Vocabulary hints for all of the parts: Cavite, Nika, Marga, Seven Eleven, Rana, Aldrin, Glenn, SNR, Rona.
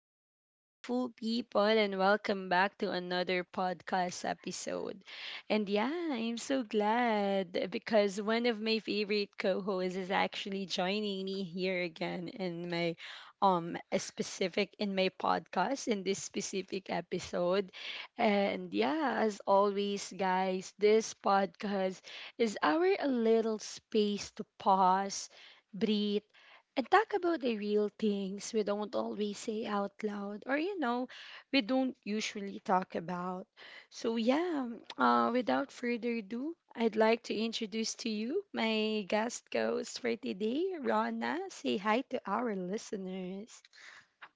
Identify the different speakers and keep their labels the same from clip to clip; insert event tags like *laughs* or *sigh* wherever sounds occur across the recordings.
Speaker 1: Hello, beautiful people, and welcome back to another podcast episode. And yeah, I'm so glad because one of my favorite co hosts is actually joining me here again in my a specific in my podcast in this specific episode, and yeah, as always, guys, this podcast is our little space to pause, breathe, and talk about the real things we don't always say out loud, or we don't usually talk about. So yeah, without further ado, I'd like to introduce to you my guest host for today, Rana. Say hi to our listeners.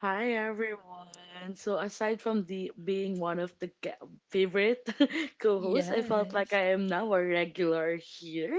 Speaker 2: Hi everyone. So aside from the being one of the favorite *laughs* co-hosts, I felt like
Speaker 1: Yes.
Speaker 2: I am now a regular here.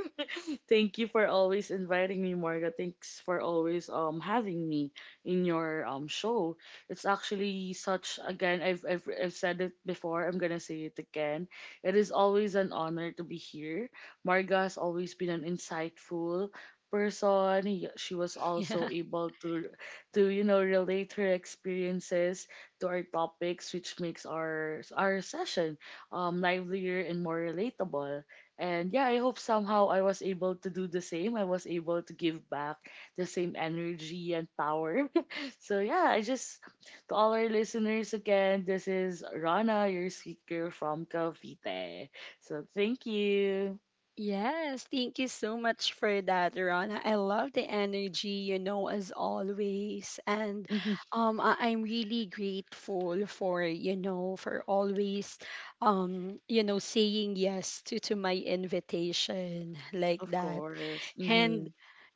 Speaker 2: Thank you for always inviting me, Marga. Thanks for always having me in your show. It's actually such again I've said it before, I'm gonna say it again. It is always an honor to be here. Marga has always been an insightful person. She was also
Speaker 1: *laughs*
Speaker 2: able to to relate her experiences to our topics which makes our session livelier and more relatable, and yeah, I hope somehow I was able to do the same. I was able to give back the same energy and power. *laughs* so yeah, I just to all our listeners again, this is Rana, your speaker from Cavite. So thank you.
Speaker 1: Yes, thank you so much for that, Rana. I love the energy, you know, as always. And
Speaker 2: hmm
Speaker 1: I'm really grateful for, you know, for always, you know, saying yes to, my invitation like
Speaker 2: Of
Speaker 1: that.
Speaker 2: course.
Speaker 1: And
Speaker 2: Mm-hmm.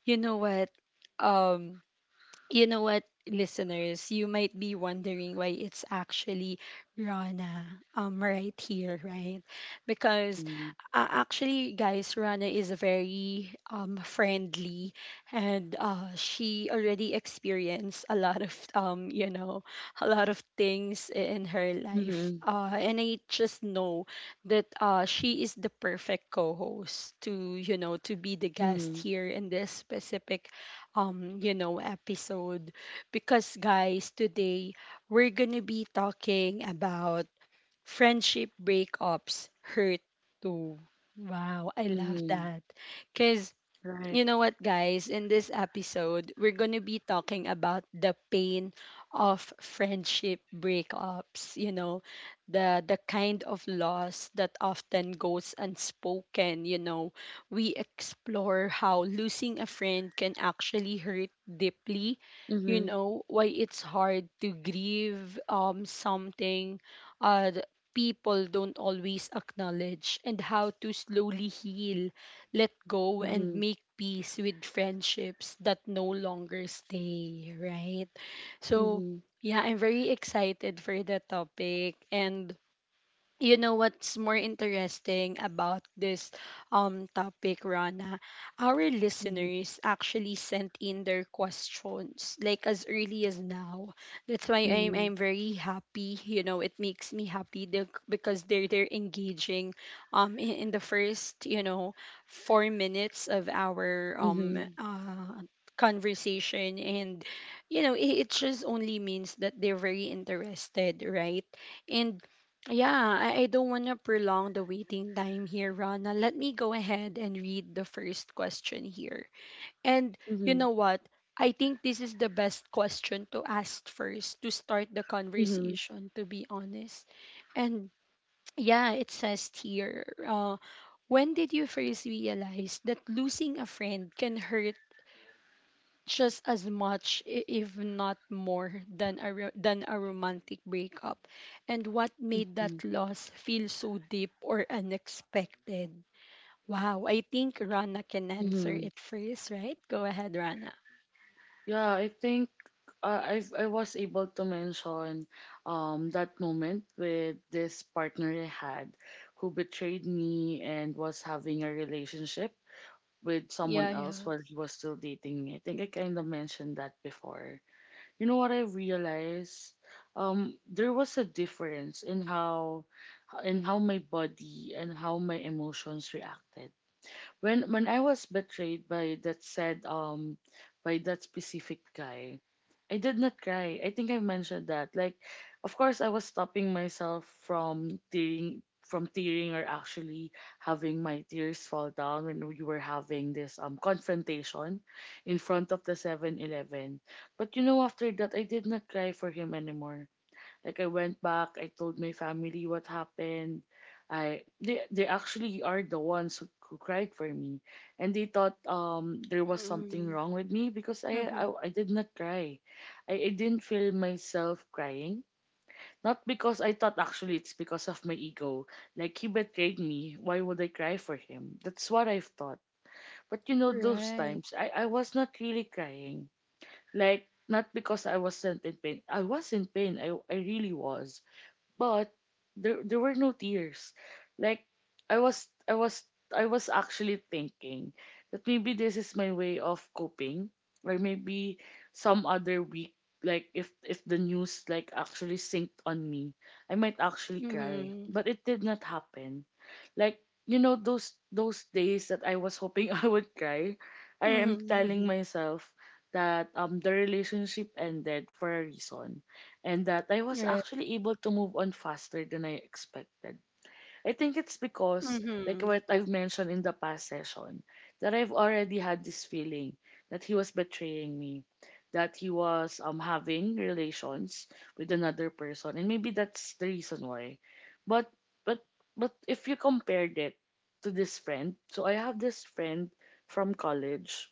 Speaker 1: you know what? Um, you know what, listeners, you might be wondering why it's actually Rana right here, right? Because
Speaker 2: Mm-hmm.
Speaker 1: actually, guys, Rana is very friendly, and she already experienced a lot of a lot of things in her life.
Speaker 2: Mm-hmm.
Speaker 1: And I just know that she is the perfect co-host to, you know, to be the guest here in this specific episode. Because guys, today we're going to be talking about friendship breakups hurt too. Wow, I
Speaker 2: Mm-hmm.
Speaker 1: love
Speaker 2: Mm-hmm.
Speaker 1: that.
Speaker 2: Right.
Speaker 1: You know what, guys? In this episode, we're going to be talking about the pain of friendship breakups, you know, the kind of loss that often goes unspoken, you know. We explore how losing a friend can actually hurt deeply, you
Speaker 2: Mm-hmm.
Speaker 1: know, why it's hard to grieve something uh people don't always acknowledge, and how to slowly heal, let go, and
Speaker 2: Mm-hmm.
Speaker 1: make peace with friendships that no longer stay, right? So,
Speaker 2: Mm-hmm.
Speaker 1: yeah, I'm very excited for the topic. And you know what's more interesting about this topic, Rana? Our listeners actually sent in their questions like as early as now. That's why I'm
Speaker 2: Mm-hmm.
Speaker 1: I'm very happy. You know, it makes me happy because they're engaging in the first, you know, 4 minutes of our
Speaker 2: Mm-hmm.
Speaker 1: conversation. And you know, it just only means that they're very interested, right? And yeah, I don't want to prolong the waiting time here, Rana. Let me go ahead and read the first question here. And you
Speaker 2: Mm-hmm.
Speaker 1: know what? I think this is the best question to ask first to start the
Speaker 2: Mm-hmm. Mm-hmm.
Speaker 1: conversation, to be honest. And yeah, it says here, when did you first realize that losing a friend can hurt just as much, if not more, than a romantic breakup. And what made
Speaker 2: Mm-hmm.
Speaker 1: that loss feel so deep or unexpected? Wow, I think Rana can answer
Speaker 2: Mm-hmm.
Speaker 1: it first, right? Go ahead, Rana.
Speaker 2: Yeah, I think I was able to mention that moment with this partner I had who betrayed me and was having a relationship with
Speaker 1: Yeah,
Speaker 2: someone else
Speaker 1: yeah.
Speaker 2: while he was still dating me. I think I kind of mentioned that before. You know what I realized? There was a difference in how my body and how my emotions reacted when I was betrayed by that said by that specific guy, I did not cry. I think I mentioned that. Like, of course, I was stopping myself from tearing or actually having my tears fall down when we were having this confrontation in front of the 7-Eleven. But you know, after that, I did not cry for him anymore. Like I went back, I told my family what happened. I they actually are the ones who cried for me, and they thought there was something
Speaker 1: Mm-hmm.
Speaker 2: wrong with me because I
Speaker 1: Mm-hmm.
Speaker 2: I, I did not cry, I didn't feel myself crying. Not because I thought, actually it's because of my ego. Like he betrayed me. Why would I cry for him? That's what I've thought. But you know those
Speaker 1: Right.
Speaker 2: times I was not really crying. Like not because I wasn't in pain. I was in pain. I really was, but there were no tears. Like I was I was I was actually thinking that maybe this is my way of coping, or maybe some other week, like if the news like actually sinked on me, I might actually cry.
Speaker 1: Mm-hmm.
Speaker 2: But it did not happen. Like you know those days that I was hoping *laughs* I would cry, I am
Speaker 1: Mm-hmm.
Speaker 2: telling
Speaker 1: Mm-hmm.
Speaker 2: myself that the relationship ended for a reason and that I was
Speaker 1: Right.
Speaker 2: actually able to move on faster than I expected. I think it's because, like
Speaker 1: Mm-hmm.
Speaker 2: what I've mentioned in the past session, that I've already had this feeling that he was betraying me, that he was having relations with another person, and maybe that's the reason why. But but but if you compared it to this friend, so I have this friend from college,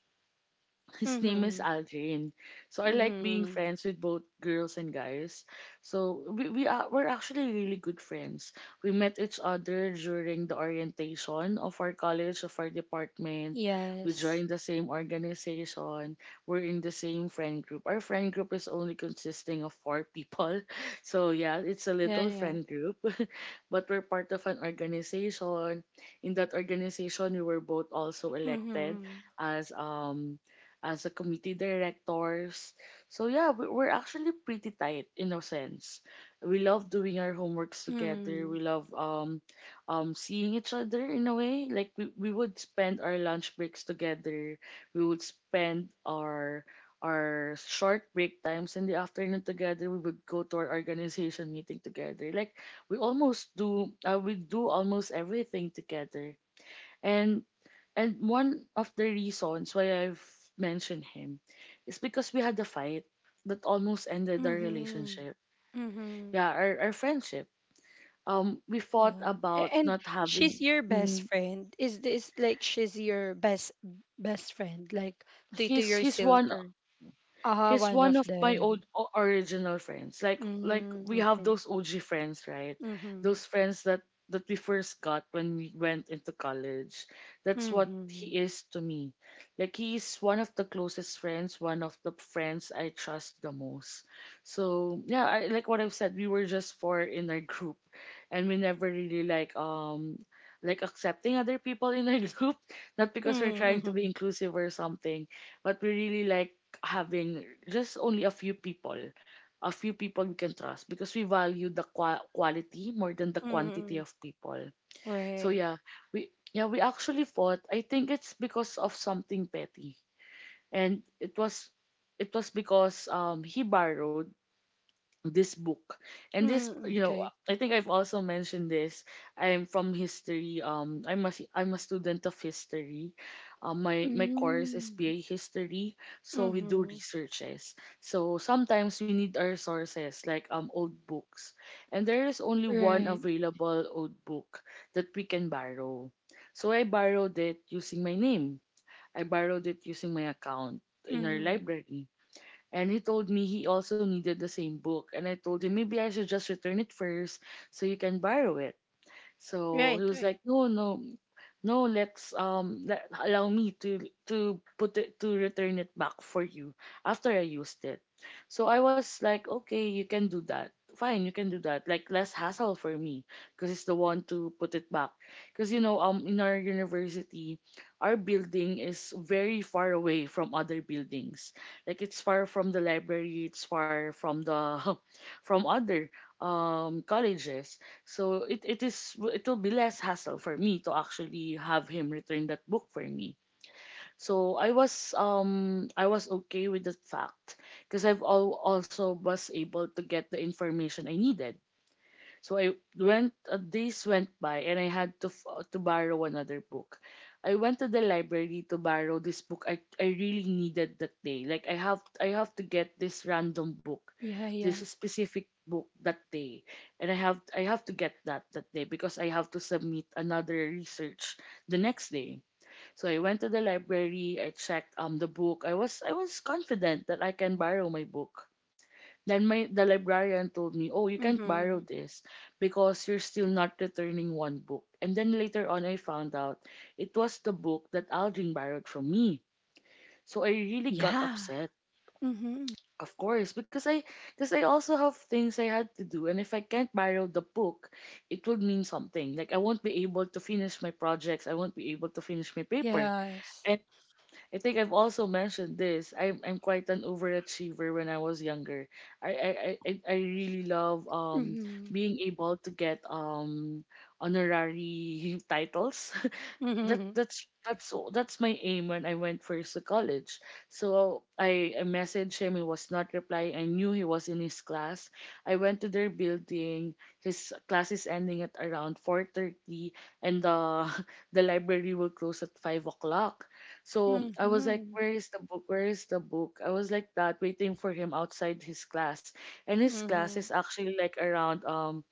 Speaker 2: his name is
Speaker 1: Mm-hmm.
Speaker 2: Aldrin. So I like being
Speaker 1: Mm-hmm.
Speaker 2: friends with both girls and guys. So we're actually really good friends. We met each other during the orientation of our college, of our department. We
Speaker 1: Yes.
Speaker 2: joined the same organization. We're in the same friend group. Our friend group is only consisting of four people. *laughs* So yeah, it's a
Speaker 1: Yeah,
Speaker 2: little
Speaker 1: yeah.
Speaker 2: friend group. *laughs* But we're part of an organization. In that organization we were both also elected
Speaker 1: Mm-hmm.
Speaker 2: as a committee directors. So yeah, we're actually pretty tight in a sense. We love doing our homeworks together. We love seeing each other in a way. Like we would spend our lunch breaks together. We would spend our short break times in the afternoon together. We would go to our organization meeting together. Like we do almost everything together. And And one of the reasons why I've mentioned him is because we had a fight that almost ended our
Speaker 1: Mm-hmm.
Speaker 2: relationship.
Speaker 1: Mm-hmm.
Speaker 2: Yeah, our friendship. We fought
Speaker 1: Yeah.
Speaker 2: about
Speaker 1: And
Speaker 2: not
Speaker 1: she's
Speaker 2: having.
Speaker 1: your best
Speaker 2: mhm.
Speaker 1: friend. Is this like she's your best friend, like, to
Speaker 2: He's
Speaker 1: your
Speaker 2: he's one
Speaker 1: silker? Ah,
Speaker 2: he's
Speaker 1: one
Speaker 2: one
Speaker 1: of
Speaker 2: of my old
Speaker 1: them.
Speaker 2: original friends. Like
Speaker 1: Mm,
Speaker 2: we have
Speaker 1: okay.
Speaker 2: those OG friends, right?
Speaker 1: Mm-hmm.
Speaker 2: Those friends that we first got when we went into college. That's what
Speaker 1: Mm-hmm.
Speaker 2: he is to me. Like he's one of the closest friends, one of the friends I trust the most. So yeah, I like what I've said, we were just four in our group and we never really like accepting other people in our *laughs* group. Not because we're trying to
Speaker 1: Mm-hmm.
Speaker 2: be inclusive or something, but we really like having just only a few people we can trust because we value the quality more than the quantity
Speaker 1: Mm-hmm.
Speaker 2: of people. So
Speaker 1: Right.
Speaker 2: yeah, we actually fought. I think it's because of something petty, and it was because he borrowed this book, and this
Speaker 1: Mm,
Speaker 2: you know
Speaker 1: okay.
Speaker 2: I think I've also mentioned this, I'm from history, I'm I'm a student of history. My my course is
Speaker 1: Mm,
Speaker 2: pa history, so we do
Speaker 1: mm-hmm.
Speaker 2: researches, so sometimes we need our sources like old books, and there is only one
Speaker 1: Right.
Speaker 2: available old book that we can borrow, so I borrowed it using my name, I borrowed it using my account in our
Speaker 1: Mm-hmm.
Speaker 2: library, and he told me he also needed the same book. And I told him maybe I should just return it first so you can borrow it. So he
Speaker 1: Right,
Speaker 2: was
Speaker 1: right.
Speaker 2: like, "No, no, no, let's let allow me to put it to return it back for you after I used it." So I was like, okay, you can do that. Fine, you can do that. Like less hassle for me because it's the one to put it back. Because you know, in our university, our building is very far away from other buildings. Like it's far from the library, it's far from the *laughs* from other colleges. So it will be less hassle for me to actually have him return that book for me. So I was okay with the fact because I've also was able to get the information I needed, so I went, days went by and I had to, to borrow another book. I went to the library to borrow this book I really needed that day. Like I have to get this random book,
Speaker 1: Yeah,
Speaker 2: this
Speaker 1: yeah.
Speaker 2: specific book that day. And I have to get that that day because I have to submit another research the next day. So I went to the library, I checked the book. I was confident that I can borrow my book. Then my the librarian told me, "Oh, you can't borrow
Speaker 1: Mm-hmm.
Speaker 2: this because you're still not returning one book." And then later on I found out it was the book that Aldrin borrowed from me. So I really got
Speaker 1: Yeah.
Speaker 2: upset,
Speaker 1: Mm-hmm.
Speaker 2: of course, because I also have things I had to do, and if I can't borrow the book, it would mean something. Like I won't be able to finish my projects, I won't be able to finish my paper.
Speaker 1: Yes.
Speaker 2: And I think I've also mentioned this. I'm quite an overachiever when I was younger. I really love
Speaker 1: Mm-hmm.
Speaker 2: being able to get honorary *laughs* titles.
Speaker 1: Mm-hmm.
Speaker 2: That's my aim when I went first to college. So I messaged him. He was not replying. I knew he was in his class. I went to their building. His class is ending at around 4:30, and the *laughs* the library will close at 5 o'clock. So I was like,
Speaker 1: Mm-hmm.
Speaker 2: "Where is the book? Where is the book?" I was like that, waiting for him outside his class, and his class
Speaker 1: Mm-hmm.
Speaker 2: is actually like around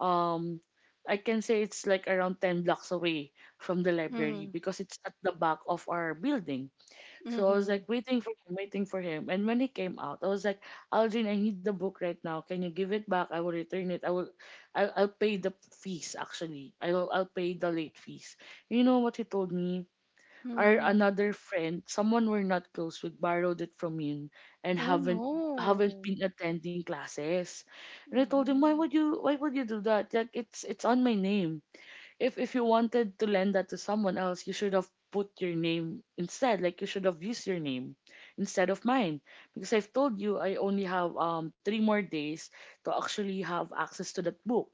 Speaker 2: um I can say it's like around 10 blocks away from the library
Speaker 1: Mhm.
Speaker 2: because it's at the back of our building. So I was
Speaker 1: Mhm.
Speaker 2: like waiting for him, waiting for him. And when he came out, I was like, "Algin, I need the book right now. Can you give it back? I will return it. I'll pay the fees actually. I'll pay the late fees." You know what he told me? Our
Speaker 1: Mhm.
Speaker 2: another friend, someone we're not close with, borrowed it from him and
Speaker 1: Oh
Speaker 2: haven't
Speaker 1: no.
Speaker 2: been attending classes. And I told him, "Why
Speaker 1: Mhm.
Speaker 2: would you do that? Like it's on my name. If you wanted to lend that to someone else, you should have put your name instead. Like you should have used your name instead of mine." Because I've told you I only have three more days to actually have access to that book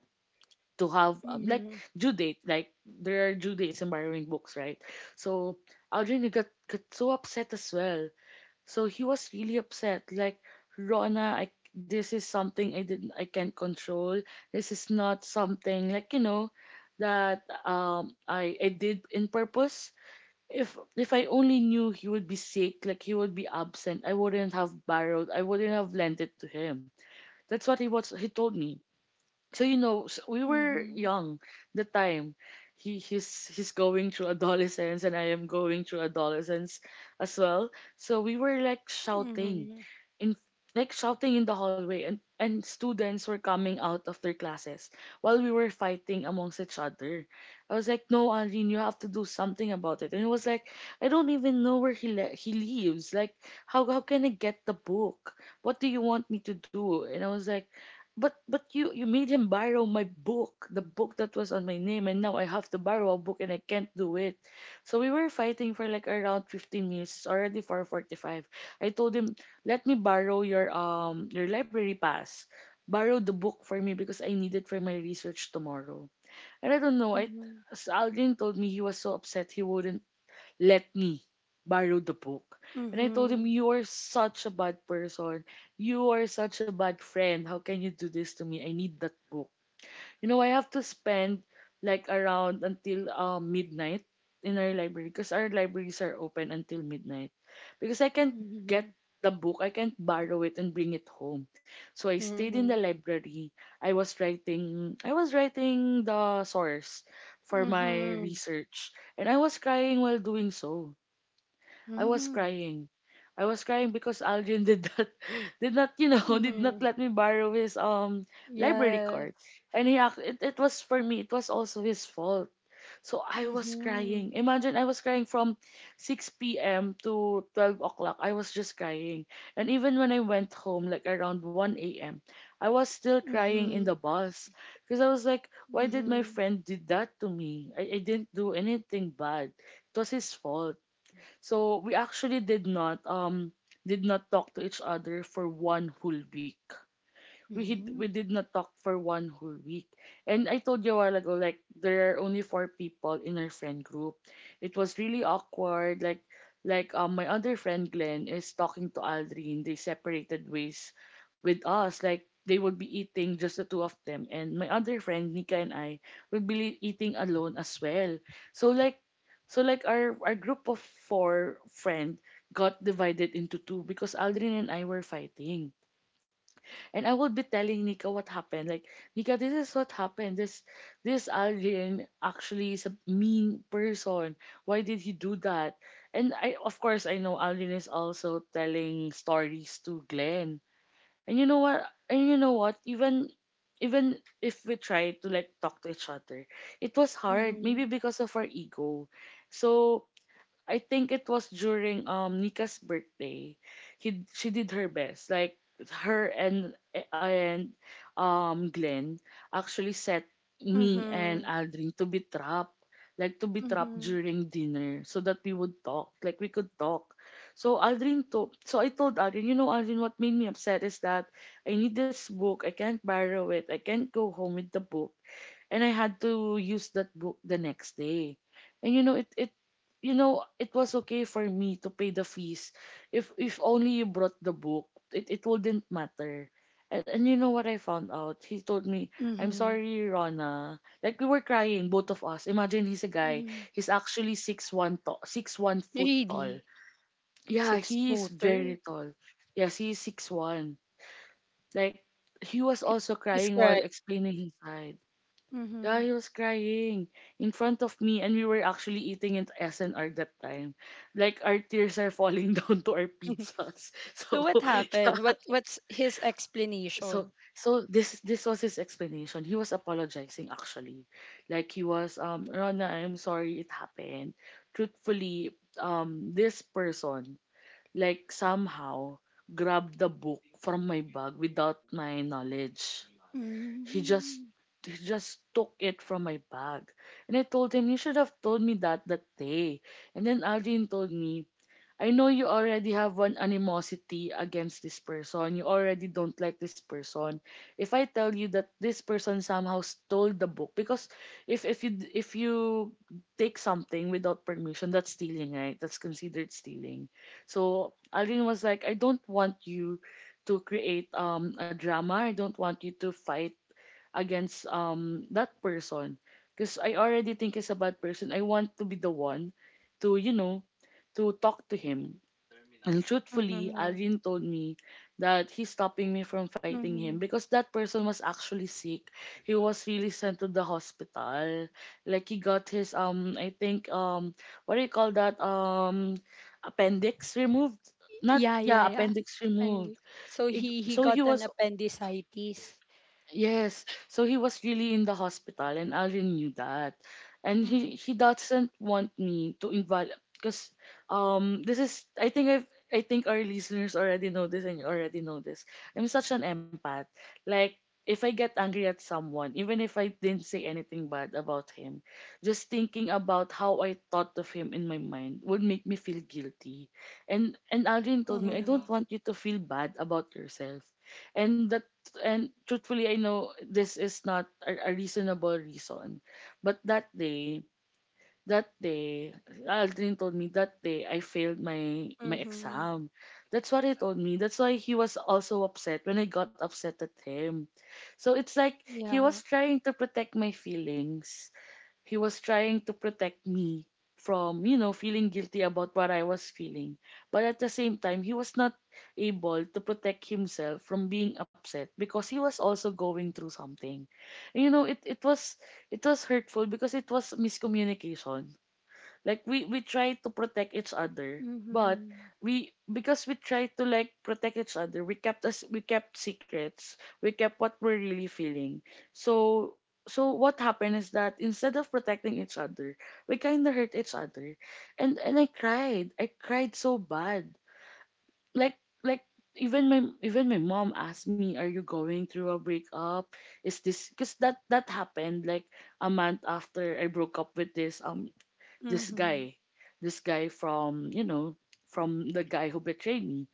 Speaker 2: to have like,
Speaker 1: Mhm.
Speaker 2: due date, like there are due dates in borrowing books, right? So Aldrin got so upset as well, so he was really upset, like, Rona, I, this is something I can't control. This is not something like that I did in purpose. If I only knew he would be sick, like he would be absent, I wouldn't have lent it to him. That's what he told me. So we were
Speaker 1: Mhm.
Speaker 2: young the time. He's going through adolescence and I am going through adolescence as well. So we were like
Speaker 1: Mhm.
Speaker 2: in shouting in the hallway, and students were coming out of their classes while we were fighting amongst each other. I was like, no, Arlene, you have to do something about it. And he was like, I don't even know where he lives, like, how can I get the book? What do you want me to do? And I was like, but you made him borrow my book, the book that was on my name, and now I have to borrow a book and I can't do it. So we were fighting for like around 15 minutes. It's already 4:45. I told him, "Let me borrow your library pass. Borrow the book for me because I need it for my research tomorrow." And I don't know, Aldrin told me he was so upset he wouldn't let me borrow the book. And I told him,
Speaker 1: Mhm.
Speaker 2: you are such a bad person. You are such a bad friend. How can you do this to me? I need that book. You know, I have to spend like around until midnight in our library, because our libraries are open until midnight. Because I can't get
Speaker 1: Mhm.
Speaker 2: the book, I can't borrow it and bring it home. So I stayed in the
Speaker 1: Mhm.
Speaker 2: library. I was writing the source for
Speaker 1: Mhm.
Speaker 2: my
Speaker 1: Mhm.
Speaker 2: research, and I was crying while doing so. I was
Speaker 1: Mhm.
Speaker 2: crying. I was crying because Aldrin did not *laughs* did not you know *laughs* did not
Speaker 1: Mhm.
Speaker 2: let me borrow his library card,
Speaker 1: Yes.
Speaker 2: and it was for me. It was also his fault. So I was
Speaker 1: Mhm.
Speaker 2: crying. Imagine I was crying from 6 p.m. to 12 o'clock. I was just crying, and even when I went home, like around 1 a.m., I was still crying in
Speaker 1: Mhm.
Speaker 2: the bus. Because I was like, why did my
Speaker 1: Mhm.
Speaker 2: friend did that to me? I didn't do anything bad. It was his fault. So we actually did not talk to each other for one whole week. We hid, we
Speaker 1: Mhm.
Speaker 2: did not talk for one whole week. And I told you a while ago, like there are only four people in our friend group. It was really awkward. Like, my other friend Glenn is talking to Aldrin. They separated ways with us. Like they would be eating just the two of them, and my other friend Nika and I would be eating alone as well. So like so like our group of four friend got divided into two because Aldrin and I were fighting. And I would be telling Nika what happened. Like, Nika, this is what happened. This Aldrin actually is a mean person. Why did he do that? And I of course I know Aldrin is also telling stories to Glenn. And you know what? And you know what? Even if we try to like talk to each other, it was hard. Maybe
Speaker 1: Mhm.
Speaker 2: because of our ego. So I think it was during Nika's birthday. He she did her best. Like her and Glenn actually set me and
Speaker 1: Mhm.
Speaker 2: Aldrin to be trapped. Like, to be trapped
Speaker 1: Mhm.
Speaker 2: during dinner so that we would talk. Like we could talk. So I told Aldrin, you know, Aldrin, what made me upset is that I need this book. I can't borrow it. I can't go home with the book, and I had to use that book the next day. And you know, it was okay for me to pay the fees if only you brought the book. It wouldn't matter. And you know what I found out? He told me, "I'm
Speaker 1: Mhm.
Speaker 2: sorry, Rona." Like, we were crying, both of us. Imagine, he's a guy.
Speaker 1: Mhm.
Speaker 2: He's actually 6'1" tall, 6'1" foot tall.
Speaker 1: Really?
Speaker 2: Yeah,
Speaker 1: Six
Speaker 2: he is very
Speaker 1: footer?
Speaker 2: tall. Yes, he is 6'1". Like, he was also
Speaker 1: He's
Speaker 2: crying while
Speaker 1: crying.
Speaker 2: explaining his side. Yeah,
Speaker 1: Mm-hmm.
Speaker 2: he was crying in front of me, and we were actually eating at SNR that time. Like, our tears are falling *laughs* down to our
Speaker 1: *laughs*
Speaker 2: pizzas.
Speaker 1: So
Speaker 2: So
Speaker 1: what
Speaker 2: *laughs* yeah,
Speaker 1: happened? What what's his
Speaker 2: so
Speaker 1: explanation?
Speaker 2: so this was his explanation. He was apologizing actually, like, he was Rona, I'm sorry it happened. Truthfully, this person like somehow grabbed the book from my bag without my knowledge. He just
Speaker 1: Mm-hmm.
Speaker 2: he just took it from my bag. And I told him, you should have told me that that day. And then Aldrin told me, I know you already have one animosity against this person. You already don't like this person. If I tell you that this person somehow stole the book, because if you take something without permission, that's stealing, right? That's considered stealing. So Aldrin was like, I don't want you to create a drama. I don't want you to fight against that person because I already think he's a bad person. I want to be the one to you know to talk to him. And truthfully,
Speaker 1: Mm-hmm.
Speaker 2: Aldrin told me that he's stopping me from fighting him
Speaker 1: Mm-hmm.
Speaker 2: because that person was actually sick. He was really sent to the hospital. Like, he got his I think, what do you call that, appendix removed? Not,
Speaker 1: Yeah,
Speaker 2: yeah,
Speaker 1: yeah, yeah.
Speaker 2: appendix removed.
Speaker 1: Appendix. So he
Speaker 2: So he
Speaker 1: got an
Speaker 2: was.
Speaker 1: appendicitis.
Speaker 2: Yes. So he was really in the hospital and Alvin knew that. And
Speaker 1: Mm-hmm.
Speaker 2: he doesn't want me to involve, because this is, I think our listeners already know this, and you already know this. I'm such an empath. Like, if I get angry at someone, even if I didn't say anything bad about him, just thinking about how I thought of him in my mind would make me feel guilty. And Alvin told me, I
Speaker 1: Mm-hmm.
Speaker 2: don't want you to feel bad about yourself and that and truthfully I know this is not a reasonable reason, but that day Aldrin told me that day I failed my
Speaker 1: Mm-hmm.
Speaker 2: exam. That's what he told me. That's why he was also upset when I got upset at him. So it's like he was
Speaker 1: Yeah.
Speaker 2: trying to protect my feelings. He was trying to protect me from, you know, feeling guilty about what I was feeling, but at the same time he was not able to protect himself from being upset because he was also going through something. And, you know, it was hurtful because it was miscommunication. Like, we try to protect each other, but
Speaker 1: Mm-hmm.
Speaker 2: we because we try to like protect each other, we kept secrets, we kept what we're really feeling. So so what happened is that instead of protecting each other, we kind of hurt each other, and I cried so bad, like like even my mom asked me, "Are you going through a breakup? Is this because that happened, like, a month after I broke up with this this
Speaker 1: Mm-hmm.
Speaker 2: guy, this guy from, you know, from the guy who betrayed me.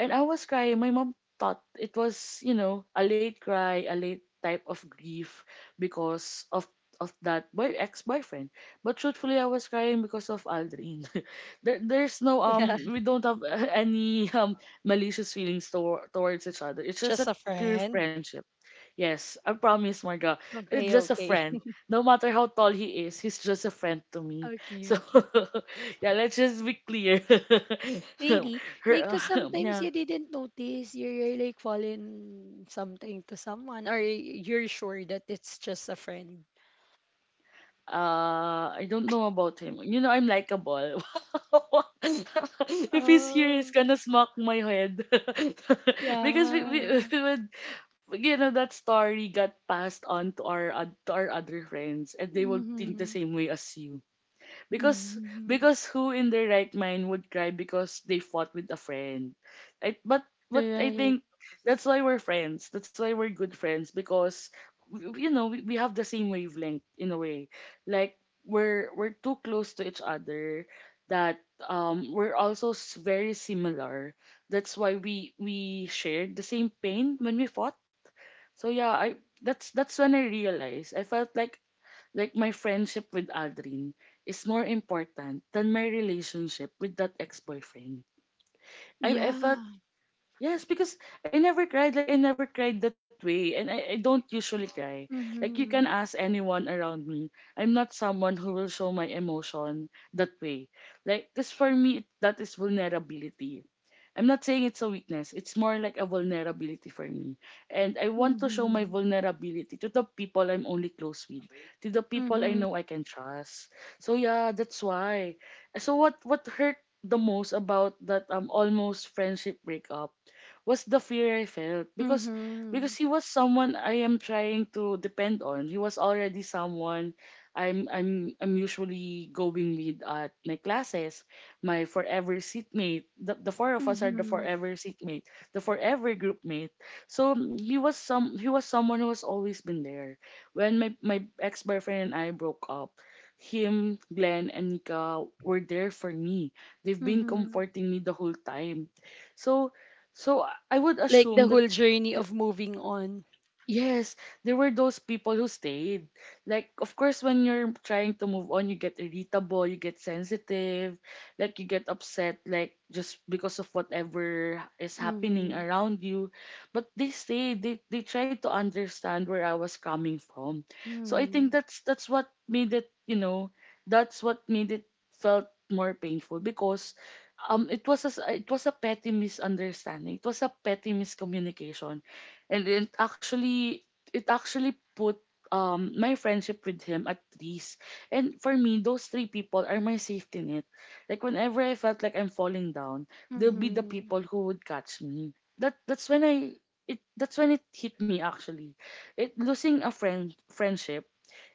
Speaker 2: And I was crying. My mom thought it was, you know, a late cry, a late type of grief because of that boy ex-boyfriend. But truthfully, I was crying because of Aldrin. *laughs* There's no,
Speaker 1: Yeah.
Speaker 2: we don't have *laughs* any malicious feelings toward towards each other. It's
Speaker 1: *laughs*
Speaker 2: just
Speaker 1: Just
Speaker 2: a
Speaker 1: a
Speaker 2: pure
Speaker 1: friend.
Speaker 2: friendship. Yes, I promise, Marga. It's
Speaker 1: Okay,
Speaker 2: just a
Speaker 1: okay.
Speaker 2: friend.
Speaker 1: *laughs*
Speaker 2: No matter how tall he is, he's just a friend to me.
Speaker 1: Okay,
Speaker 2: So,
Speaker 1: okay.
Speaker 2: *laughs* yeah, let's just be clear.
Speaker 1: Really?
Speaker 2: *laughs* Her,
Speaker 1: Because
Speaker 2: *laughs*
Speaker 1: sometimes you
Speaker 2: yeah.
Speaker 1: didn't notice you're like falling something to someone, or you're sure that it's just a friend.
Speaker 2: I don't know about him. You know, I'm likable. *laughs* If he's here, he's
Speaker 1: Oh,
Speaker 2: gonna smack my head. *laughs* Because *laughs*
Speaker 1: yeah.
Speaker 2: we would, you know, that story got passed on to our other friends, and they would think the
Speaker 1: Mm-hmm.
Speaker 2: same way as you. Because
Speaker 1: Mm-hmm.
Speaker 2: because who in their right mind would cry because they fought with a friend? I, but I
Speaker 1: Right.
Speaker 2: think that's why we're friends. That's why we're good friends, because you know, we have the same wavelength in a way. Like we're too close to each other that we're also very similar. That's why we shared the same pain when we fought. So yeah, I that's when I realized I felt like my friendship with Aldrin is more important than my relationship with that ex-boyfriend. I felt,
Speaker 1: Yeah.
Speaker 2: yes, because I never cried. Like, I never cried that way. And I don't usually cry. Like, you can
Speaker 1: Mm-hmm.
Speaker 2: ask anyone around me. I'm not someone who will show my emotion that way. Like, this for me, that is vulnerability. I'm not saying it's a weakness. It's more like a vulnerability for me. And I want to show my
Speaker 1: Mm-hmm.
Speaker 2: vulnerability to the people I'm only close with, to the people I
Speaker 1: Mm-hmm.
Speaker 2: know I can trust. So yeah, that's why. So what hurt the most about that almost friendship breakup was the fear I felt because
Speaker 1: Mm-hmm.
Speaker 2: because he was someone I am trying to depend on. He was already someone I'm usually going with at my classes, my forever seatmate. The four of us are the
Speaker 1: Mm-hmm.
Speaker 2: forever seatmate, the forever group mate. So he was someone who has always been there. When my ex boyfriend and I broke up, him, Glenn, and Nika were there for me. They've been
Speaker 1: Mm-hmm.
Speaker 2: comforting me the whole time. So so I would
Speaker 1: Like the
Speaker 2: assume that
Speaker 1: whole journey of moving on.
Speaker 2: yes, there were those people who stayed. Like, of course, when you're trying to move on, you get irritable, you get sensitive, like, you get upset, like, just because of whatever is happening
Speaker 1: Mm-hmm.
Speaker 2: around you. But they stayed, they tried to understand where I was coming from. So I think
Speaker 1: Mm-hmm.
Speaker 2: that's what made it, you know, that's what made it felt more painful because it was it was a petty misunderstanding, it was a petty miscommunication, and then it actually put my friendship with him at risk. And for me, those three people are my safety net. Like whenever I felt like I'm falling down, they'll be the
Speaker 1: Mm-hmm.
Speaker 2: people who would catch me. That that's when I it that's when it hit me actually. It Losing a friendship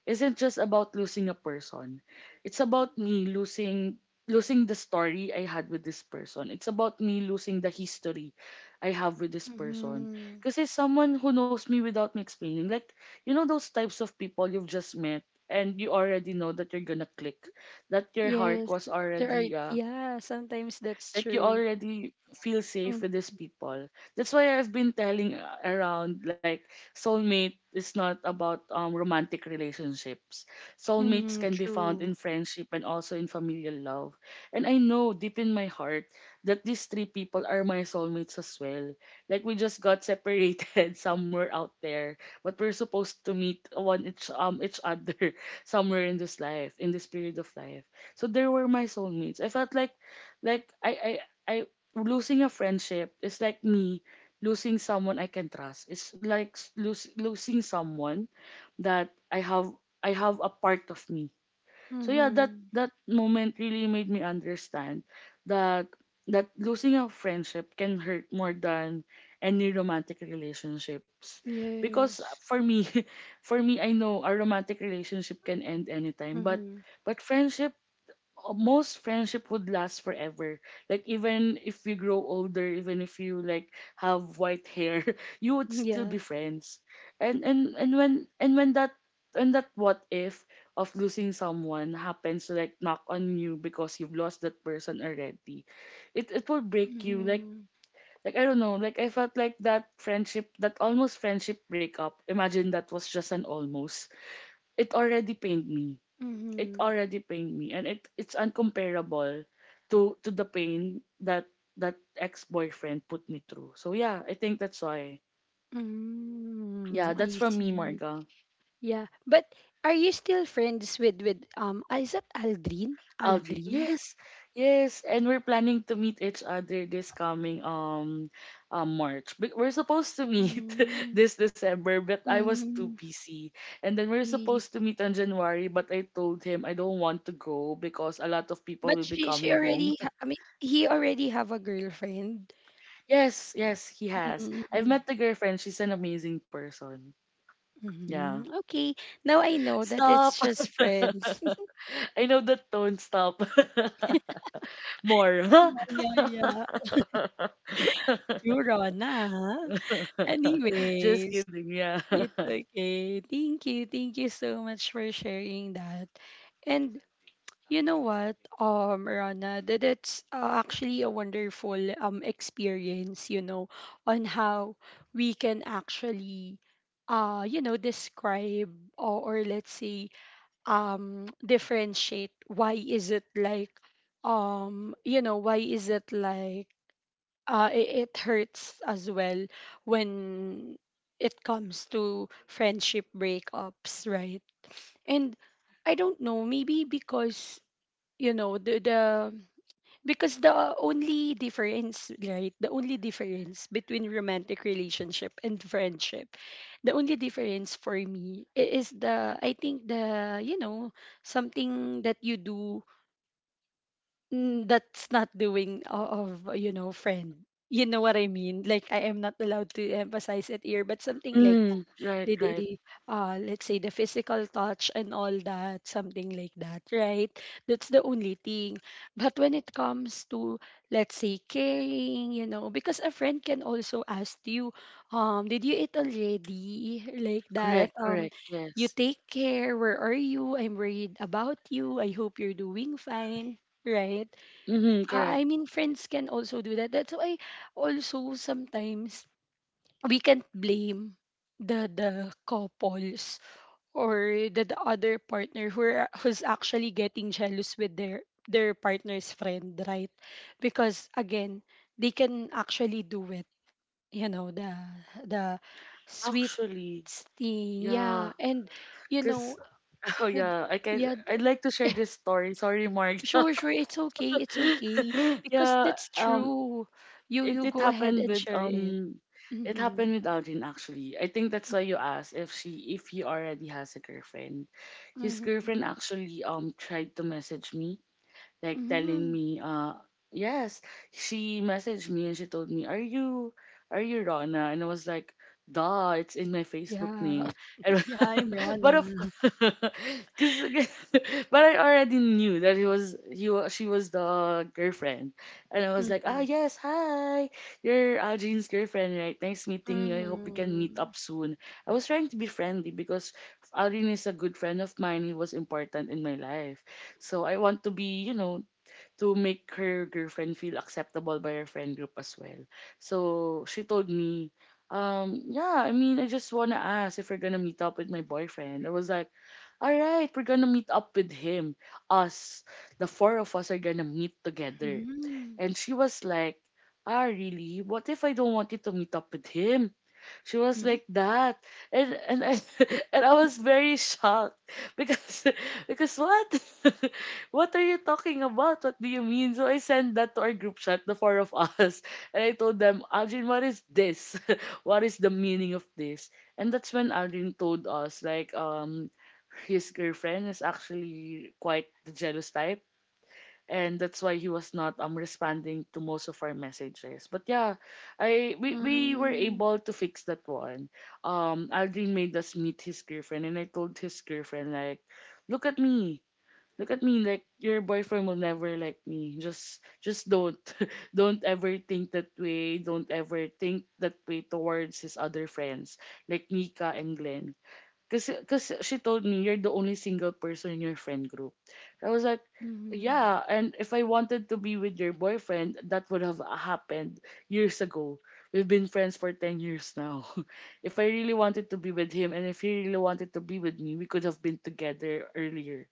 Speaker 2: isn't just about losing a person. It's about me losing the story I had with this person. It's about me losing the history I have with this person.
Speaker 1: Mm-hmm.
Speaker 2: Kasi someone who knows me without me explaining, like, you know those types of people you've just met and you already know that you're gonna click, that your heart
Speaker 1: Yes,
Speaker 2: was
Speaker 1: there are.
Speaker 2: already
Speaker 1: Yeah, sometimes that's
Speaker 2: like you
Speaker 1: true.
Speaker 2: already feel safe
Speaker 1: Mm.
Speaker 2: with these people. That's why I've been telling around, like, soulmate is not about romantic relationships. Soulmates
Speaker 1: Mm-hmm,
Speaker 2: can be found in
Speaker 1: true.
Speaker 2: friendship and also in familial love, and I know deep in my heart that these three people are my soulmates as well. Like we just got separated *laughs* somewhere out there, but we're supposed to meet one each other *laughs* somewhere in this life, in this period of life. So they were my soulmates. I felt like I losing a friendship is like me losing someone I can trust. It's like losing someone that I have a part of me. So yeah, that
Speaker 1: Mm-hmm.
Speaker 2: that moment really made me understand that losing a friendship can hurt more than any romantic relationships, because
Speaker 1: Yes.
Speaker 2: for me, *laughs* for me, I know a romantic relationship can end anytime, but
Speaker 1: Mm-hmm.
Speaker 2: friendship, most friendship would last forever. Like even if you grow older, even if you like have white hair, *laughs* you would still be
Speaker 1: Yeah.
Speaker 2: friends. And and and when and when that and that what if of losing someone happens to like knock on you because you've lost that person already, it will break you. Like
Speaker 1: Mm-hmm.
Speaker 2: like I don't know. Like I felt like that friendship, that almost friendship breakup. Imagine that was just an almost. It already pained me it
Speaker 1: Mm-hmm.
Speaker 2: already pained me, and it's uncomparable to the pain that ex-boyfriend put me through. So yeah, I think that's why. Yeah,
Speaker 1: Mm,
Speaker 2: that's
Speaker 1: I
Speaker 2: from me,
Speaker 1: see.
Speaker 2: Marga.
Speaker 1: Yeah. But are you still friends with ah, is that Aldrin?
Speaker 2: Algie.
Speaker 1: Aldrin?
Speaker 2: Yes. Yes, and we're planning to meet each other this coming March. But we're supposed to meet *laughs*
Speaker 1: Mm,
Speaker 2: this December, but I was too
Speaker 1: mm,
Speaker 2: busy. And then we're
Speaker 1: really?
Speaker 2: supposed to meet on January, but I told him I don't want to go because a lot of people
Speaker 1: But
Speaker 2: will be coming home.
Speaker 1: I mean, he already have a girlfriend.
Speaker 2: Yes, yes, he has. I've
Speaker 1: Mm-hmm.
Speaker 2: met the girlfriend. She's an amazing person. Yeah.
Speaker 1: Mhm. Okay. Now I know that
Speaker 2: Stop.
Speaker 1: it's just friends. *laughs*
Speaker 2: *laughs* I know the tone. Stop. *laughs* More. Huh?
Speaker 1: Yeah, yeah, yeah. You're on, huh?
Speaker 2: *laughs* Just
Speaker 1: Anyways,
Speaker 2: kidding. Yeah.
Speaker 1: it's
Speaker 2: *laughs*
Speaker 1: okay. Thank you. Thank you so much for sharing that. And you know what, Rana, that it's actually a wonderful experience, you know, on how we can actually you know, describe, or let's say differentiate, why is it like um you know why is it like it, it hurts as well when it comes to friendship breakups, right? And I don't know, maybe because, you know, the only difference, right, the only difference between romantic relationship and friendship, the only difference for me, is the I think the, you know, something that you do, that's not doing of, you know, friend. You know what I mean? Like, I am not allowed to emphasize it here, but something like
Speaker 2: Mm, right, right.
Speaker 1: the, let's say the physical touch and all that, something like that, right? That's the only thing. But when it comes to, let's say, caring, you know, because a friend can also ask you, did you eat already, like that,
Speaker 2: Correct, correct.
Speaker 1: you
Speaker 2: Yes.
Speaker 1: take care, where are you, I'm worried about you, I hope you're doing fine, right?
Speaker 2: Mm-hmm, correct.
Speaker 1: I mean, friends can also do that. That's why also sometimes we can't blame the couples, or the other partner who are, who's actually getting jealous with their partner's friend, right? Because again, they can actually do it, you know, the sweet
Speaker 2: Actually,
Speaker 1: thing, yeah,
Speaker 2: yeah.
Speaker 1: and you know
Speaker 2: Cause *laughs* oh
Speaker 1: the,
Speaker 2: yeah, I can.
Speaker 1: yeah th-
Speaker 2: I'd like to share this story. Sorry, Mark.
Speaker 1: sure, sure, it's okay, it's okay,
Speaker 2: *laughs*
Speaker 1: because
Speaker 2: yeah.
Speaker 1: that's true, you
Speaker 2: It
Speaker 1: you
Speaker 2: it
Speaker 1: go ahead
Speaker 2: happened
Speaker 1: and
Speaker 2: with
Speaker 1: share it.
Speaker 2: um it
Speaker 1: Mm-hmm.
Speaker 2: happened with Aldrin actually. I think that's why you asked if she if he already has a girlfriend. His
Speaker 1: Mm-hmm.
Speaker 2: girlfriend actually tried to message me, like telling
Speaker 1: Mm-hmm.
Speaker 2: me yes, she messaged me and she told me, "Are you, are you Rona?" And I was like, duh, it's in my Facebook
Speaker 1: Yeah.
Speaker 2: name.
Speaker 1: *laughs*
Speaker 2: And
Speaker 1: Yeah, I'm
Speaker 2: *laughs*
Speaker 1: Rona.
Speaker 2: but of *laughs* cause, *laughs* but I already knew that he was he wa- she was the girlfriend, and I was like, ah
Speaker 1: Mhm.
Speaker 2: yes, hi, you're Jean's girlfriend, right? Nice meeting you, I hope we can meet
Speaker 1: Mhm.
Speaker 2: up soon. I was trying to be friendly because Alvin is a good friend of mine. He was important in my life. So I want to be, you know, to make her girlfriend feel acceptable by her friend group as well. So she told me, yeah, I mean, I just want to ask if we're going to meet up with my boyfriend. I was like, all right, we're going to meet up with him. Us, the four of us are going to meet together.
Speaker 1: Mm.
Speaker 2: And she was like, ah, really? What if I don't want you to meet up with him? She was
Speaker 1: Mhm.
Speaker 2: like that. And I *laughs* and I was very shocked because *laughs* because what? *laughs* What are you talking about? What do you mean? So I sent that to our group chat, the four of us. *laughs* And I told them, Aldrin, what is this? *laughs* What is the meaning of this? And that's when Aldrin told us like, his girlfriend is actually quite the jealous type, and that's why he was not responding to most of our messages. But yeah, I we were
Speaker 1: Mm.
Speaker 2: able to fix that one. Aldrin made us meet his girlfriend, and I told his girlfriend like, "Look at me, look at me. Like your boyfriend will never like me. Just don't, *laughs* don't ever think that way. Don't ever think that way towards his other friends like Nika and Glenn. Cause she told me you're the only single person in your friend group. I was like,
Speaker 1: Mhm.
Speaker 2: yeah. And if I wanted to be with your boyfriend, that would have happened years ago. We've been friends for 10 years now. *laughs* If I really wanted to be with him, and if he really wanted to be with me, we could have been together earlier.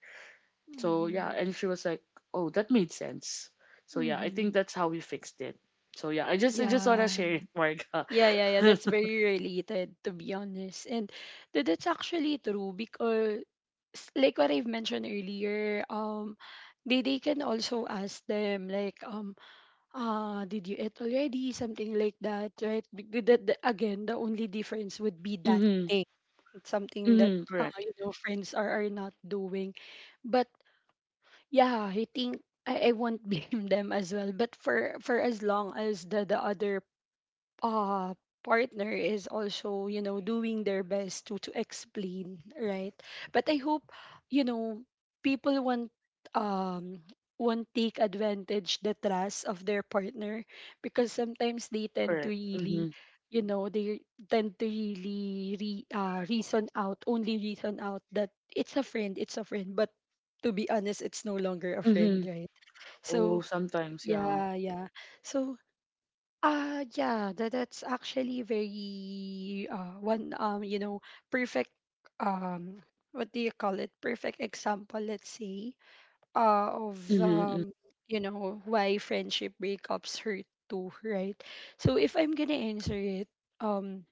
Speaker 2: So yeah.
Speaker 1: Mhm.
Speaker 2: And she was like, oh, that made sense. So yeah, I think
Speaker 1: Mhm.
Speaker 2: that's how we fixed it. So yeah, I just wanna
Speaker 1: Yeah.
Speaker 2: share it, Marga.
Speaker 1: Yeah, yeah, yeah. That's
Speaker 2: *laughs*
Speaker 1: very related, to be honest. And that's actually true because, like what I've mentioned earlier, they can also ask them, like, did you eat already? Something like that, right? Again, the only difference would be that
Speaker 2: Mm-hmm.
Speaker 1: it's something that,
Speaker 2: Mm-hmm. Correct.
Speaker 1: you know, friends are not doing. But yeah, I think I won't *laughs* blame them as well. But for as long as the other uh partner is also, you know, doing their best to explain, right? But I hope, you know, people um won't take advantage the trust of their partner, because sometimes they tend to
Speaker 2: Correct.
Speaker 1: really,
Speaker 2: Mm-hmm.
Speaker 1: you know, they tend to really re, reason out only reason out that it's a friend, it's a friend, but to be honest, it's no longer a
Speaker 2: Mm-hmm.
Speaker 1: friend, right?
Speaker 2: Oh,
Speaker 1: So
Speaker 2: sometimes, yeah.
Speaker 1: yeah, yeah. So yeah, that, that's actually very one you know perfect um what do you call it? Perfect example, let's say, uh of
Speaker 2: Mm-hmm.
Speaker 1: you know why friendship breakups hurt too, right? So if I'm gonna answer it, um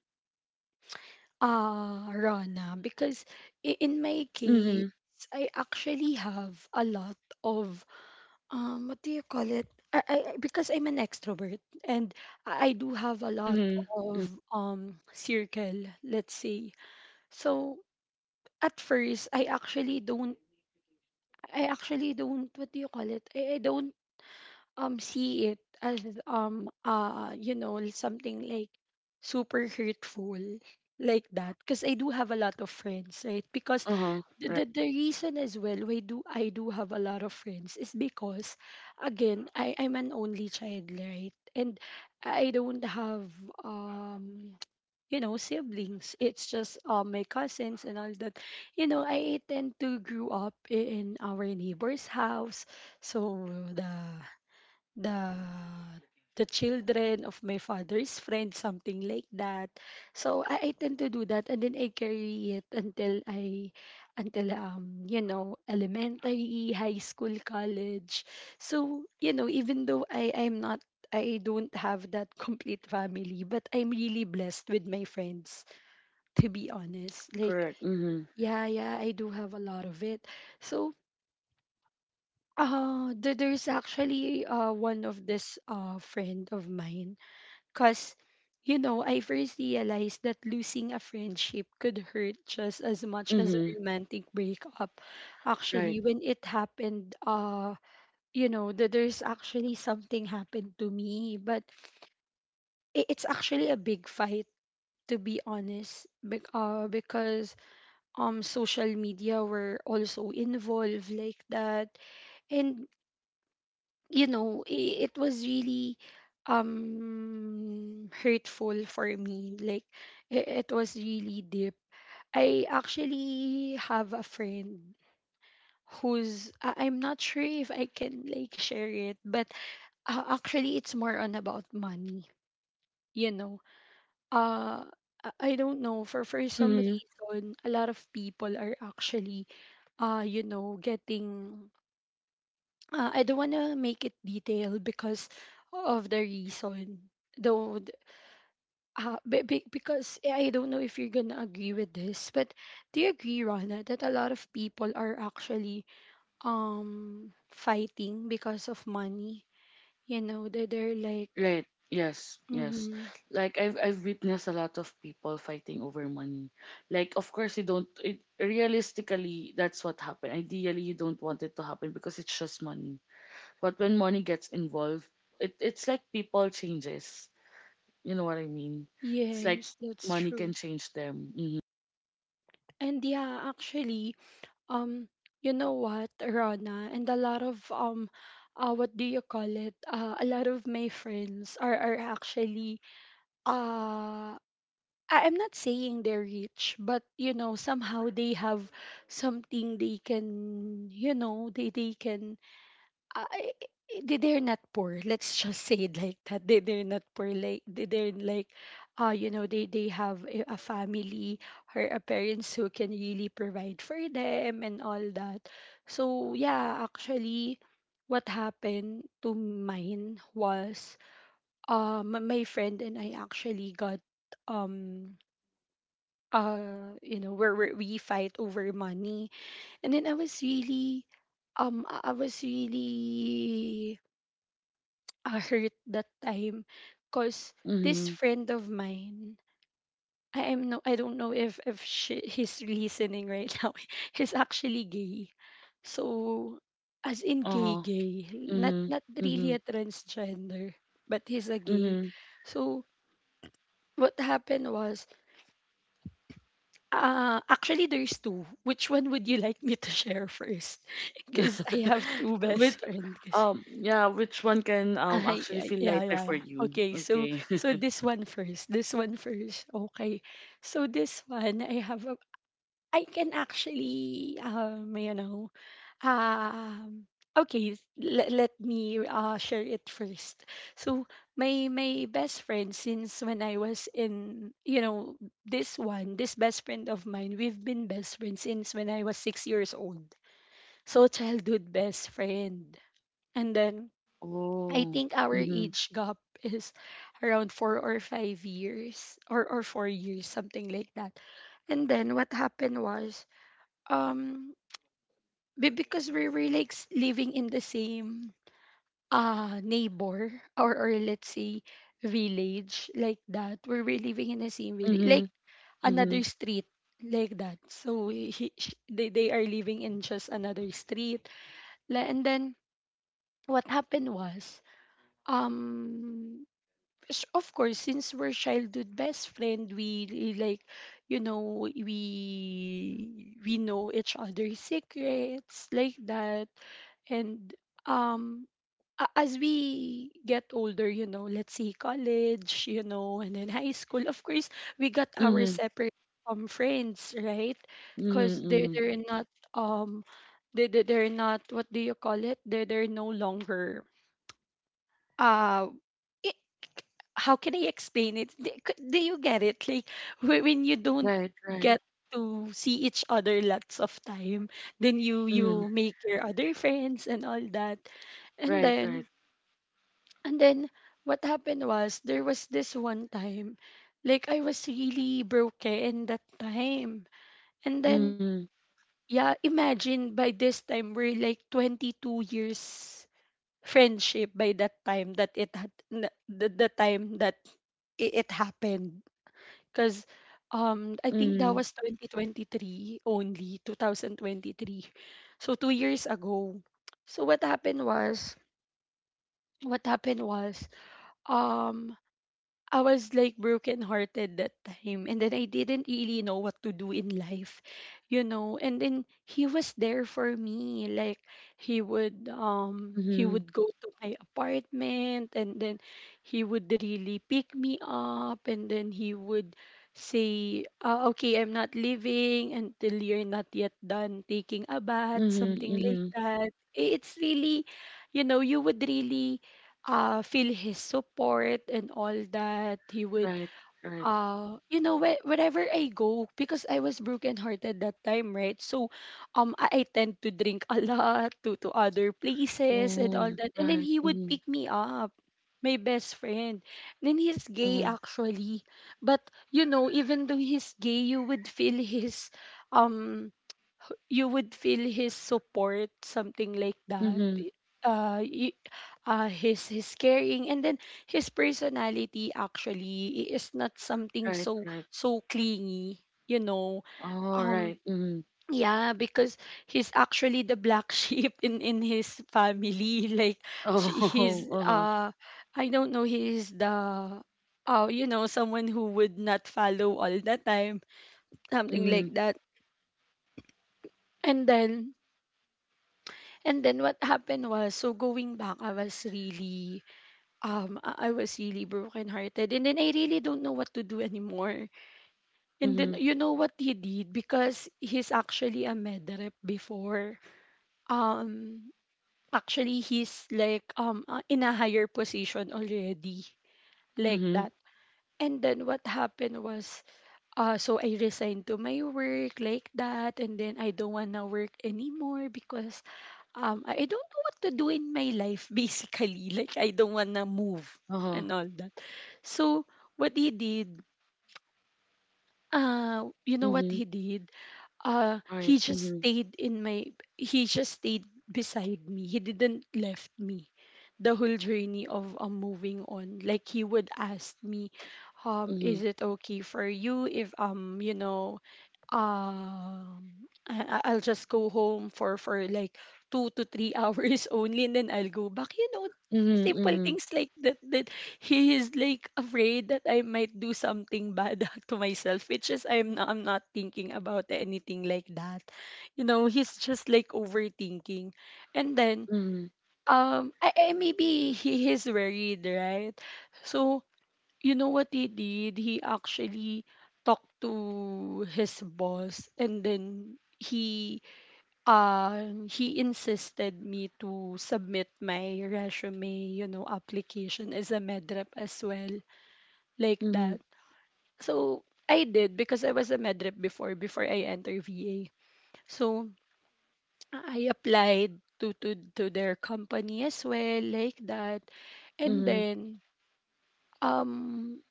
Speaker 1: Rana, because in my case,
Speaker 2: Mm-hmm.
Speaker 1: I actually have a lot of what do you call it, because I'm an extrovert, and I do have a lot
Speaker 2: Mm-hmm.
Speaker 1: of circle, let's say. So at first I actually don't I actually don't, what do you call it, I don't see it as you know, something like super hurtful like that, because I do have a lot of friends, right? Because
Speaker 2: Uh-huh. Right.
Speaker 1: the reason as well why do I do have a lot of friends is because again, I'm an only child, right? And I don't have, um you know, siblings. It's just, my cousins and all that. You know, I tend to grew up in our neighbor's house. So the the the children of my father's friend, something like that. So I tend to do that, and then I carry it until I, until you know, elementary, high school, college. So you know, even though I I'm not. I don't have that *laughs* complete family, but I'm really blessed with my friends, to be honest. Like,
Speaker 2: Correct. Mm-hmm.
Speaker 1: yeah, yeah, I do have a lot of it. So, there, there's actually one of this friend of mine. Because, you know, I first realized that losing a friendship could hurt just as much as a
Speaker 2: Mm-hmm.
Speaker 1: romantic breakup,
Speaker 2: Right.
Speaker 1: actually, when it happened. You know, that there's actually something happened to me, but it's actually a big fight, to be honest, because social media were also involved like that. And you know, it was really hurtful for me. Like, it was really deep. I actually have a friend who's I- I'm not sure if I can like share it, but actually it's more on about money, you know. Uh I don't know for some
Speaker 2: Mm-hmm.
Speaker 1: reason a lot of people are actually you know getting I don't want to make it detailed because of the reason. Though, th- be- because I don't know if you're gonna agree with this, but do you agree, Rana, that a lot of people are actually fighting because of money? You know, they're like,
Speaker 2: Right. Yes. Yes.
Speaker 1: mm-hmm,
Speaker 2: Like I've witnessed a lot of people fighting over money. Like of course you don't it realistically that's what happened. Ideally you don't want it to happen because it's just money. But when money gets involved, it's like people changes. You know what I mean? It's like
Speaker 1: yes, that's
Speaker 2: money can
Speaker 1: true.
Speaker 2: change them. Mm-hmm.
Speaker 1: And yeah, actually, um, you know what, Rana, and a lot of what do you call it? A lot of my friends are actually uh I'm not saying they're rich, but you know, somehow they have something they can, you know, they can they're not poor. Let's just say it like that. They're not poor. Like they're like, you know, they have a family or a parents who can really provide for them and all that. So yeah, actually, what happened to mine was my friend and I actually got um you know where we fight over money, and then I was really I was really hurt that time, cause this
Speaker 2: Mm-hmm.
Speaker 1: friend of mine, I am no I don't know if he's listening right *laughs* now. He's actually gay, so as in gay
Speaker 2: Uh-huh.
Speaker 1: gay,
Speaker 2: Mm-hmm.
Speaker 1: not really
Speaker 2: Mm-hmm.
Speaker 1: a transgender, but he's a gay.
Speaker 2: Mm-hmm.
Speaker 1: So what happened was, actually, there's two. Which one would you like me to share first? *laughs* Because I have
Speaker 2: *laughs*
Speaker 1: two
Speaker 2: With
Speaker 1: best friends.
Speaker 2: yeah, which one can
Speaker 1: *laughs*
Speaker 2: actually feel
Speaker 1: Yeah,
Speaker 2: lighter
Speaker 1: yeah,
Speaker 2: for
Speaker 1: yeah.
Speaker 2: you?
Speaker 1: Okay, so
Speaker 2: Okay. *laughs*
Speaker 1: this one first. This one first. Okay, so this one I have, I can actually, you know, um, okay, let me share it first. So my best friend since when I was in, you know, this one, this best friend of mine, we've been best friends since when I was 6 years old. So childhood best friend. And then I
Speaker 2: Oh.
Speaker 1: think our
Speaker 2: Mhm.
Speaker 1: age gap is around 4 or 5 years, or 4 years, something like that. And then what happened was um because we're like living in the same neighbor *laughs* or let's say village like that. We're living in the same village, like
Speaker 2: Mhm. Mhm.
Speaker 1: another street like that, so they are living in just another street. And then what happened was um of course since we're childhood best friend we really, like, you know, we know each other's secrets like that. And um as we get older, you know, let's say college, you know, and then high school, of course, we got our
Speaker 2: Mhm.
Speaker 1: separate friends, right?
Speaker 2: Mhm.
Speaker 1: Because
Speaker 2: Mhm.
Speaker 1: they're not um they're not, what do you call it, they're no longer uh it, how can I explain it? Do do you get it? Like when you don't
Speaker 2: Right. Right.
Speaker 1: get to see each other lots of time, then you
Speaker 2: Mhm.
Speaker 1: make your other friends and all that. And
Speaker 2: Right. Right.
Speaker 1: then and then what happened was, there was this one time like I was really broken that time. And then
Speaker 2: Mhm.
Speaker 1: yeah, imagine by this time we're like 22 years friendship by that time that it the time that it happened because I think that
Speaker 2: Mhm.
Speaker 1: was 2023, only 2023, so 2 years ago. So what happened was, what happened was um I was like brokenhearted that time, and then I didn't really know what to do in life, you know. And then he was there for me. Like he
Speaker 2: Mhm.
Speaker 1: would go to my apartment, and then he would really pick me up, and then he would say, okay, I'm not leaving until you're not yet done taking a bath,
Speaker 2: Mhm.
Speaker 1: something like
Speaker 2: Mhm.
Speaker 1: that. It's really, you know, you would really feel his support and all that. He would,
Speaker 2: Right. Right.
Speaker 1: you know, wherever I go, because I was brokenhearted that time, right? So, I tend to drink a lot, to other places and all
Speaker 2: Oh.
Speaker 1: that, and then
Speaker 2: Right.
Speaker 1: he would pick
Speaker 2: Mhm.
Speaker 1: me up. My best friend. And then he's gay
Speaker 2: Mhm.
Speaker 1: actually. But you know, even though he's gay, you would feel his um you would feel his support, something like that.
Speaker 2: Mhm.
Speaker 1: Uh, y- his caring, and then his personality actually is not something
Speaker 2: Right.
Speaker 1: so
Speaker 2: Right.
Speaker 1: clingy, you know.
Speaker 2: All
Speaker 1: Um,
Speaker 2: right. Mhm.
Speaker 1: yeah, because he's actually the black *laughs* sheep in his family. *laughs* Like
Speaker 2: Oh.
Speaker 1: he's
Speaker 2: *laughs* Uh huh.
Speaker 1: I don't know, he's the you know, someone who would not follow all the time, something
Speaker 2: Mhm.
Speaker 1: like that. And then And then what happened was, so going back, I was really, I was really brokenhearted. And then I really don't know what to do anymore. And then
Speaker 2: Mhm.
Speaker 1: you know what he did, because he's actually a med rep before. Um, actually he's like in a higher position already, like
Speaker 2: Mhm.
Speaker 1: that. And then what happened was, so I resigned to my work like that, and then I don't wanna work anymore because I don't know what to do in my life *laughs* basically. Like I don't wanna move
Speaker 2: Uh
Speaker 1: and
Speaker 2: huh.
Speaker 1: all that. So what he did, you know what
Speaker 2: Mhm.
Speaker 1: he did?
Speaker 2: *laughs* Right.
Speaker 1: He just
Speaker 2: Mhm.
Speaker 1: stayed in my. He just stayed beside me. He didn't left me. The whole journey of moving on. Like he would ask me,
Speaker 2: Mhm.
Speaker 1: is it okay for you if you know, um, I'll just go home for like 2 to 3 hours *laughs* only, and then I'll go back. You know,
Speaker 2: Mhm,
Speaker 1: simple
Speaker 2: mhm,
Speaker 1: things like that. That he is like afraid that I might do something bad *laughs* to myself, which is I'm not thinking about anything like that. You know, he's just like overthinking, and then
Speaker 2: mhm,
Speaker 1: I maybe he is worried, right? So you know what he did? He actually talked to his boss, and then he insisted me to submit my resume, you know, application as a medrep as well, like
Speaker 2: mhm,
Speaker 1: that. So I did, because I was a medrep before I entered VA. So I applied to their company as well, like that. And
Speaker 2: mhm,
Speaker 1: then um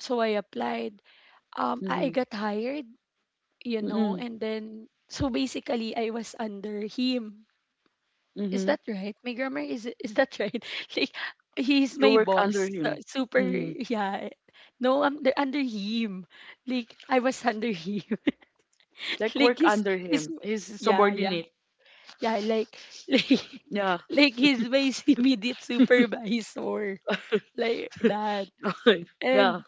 Speaker 1: I applied, I
Speaker 2: mhm,
Speaker 1: got hired, you know,
Speaker 2: mhm,
Speaker 1: and then so basically I was under him. Is
Speaker 2: mhm.
Speaker 1: that right? My grammar, is that right? *laughs* Like he's
Speaker 2: You
Speaker 1: my
Speaker 2: work under
Speaker 1: boss. So,
Speaker 2: him.
Speaker 1: super
Speaker 2: Mhm.
Speaker 1: yeah. No, I'm under him. Like I was under him. *laughs*
Speaker 2: Like
Speaker 1: like
Speaker 2: work under
Speaker 1: he's
Speaker 2: him. He's a
Speaker 1: yeah, yeah.
Speaker 2: subordinate.
Speaker 1: Yeah, like *laughs* like
Speaker 2: Yeah.
Speaker 1: like he's my *laughs* immediate supervisor. Like that.
Speaker 2: *laughs* yeah.
Speaker 1: And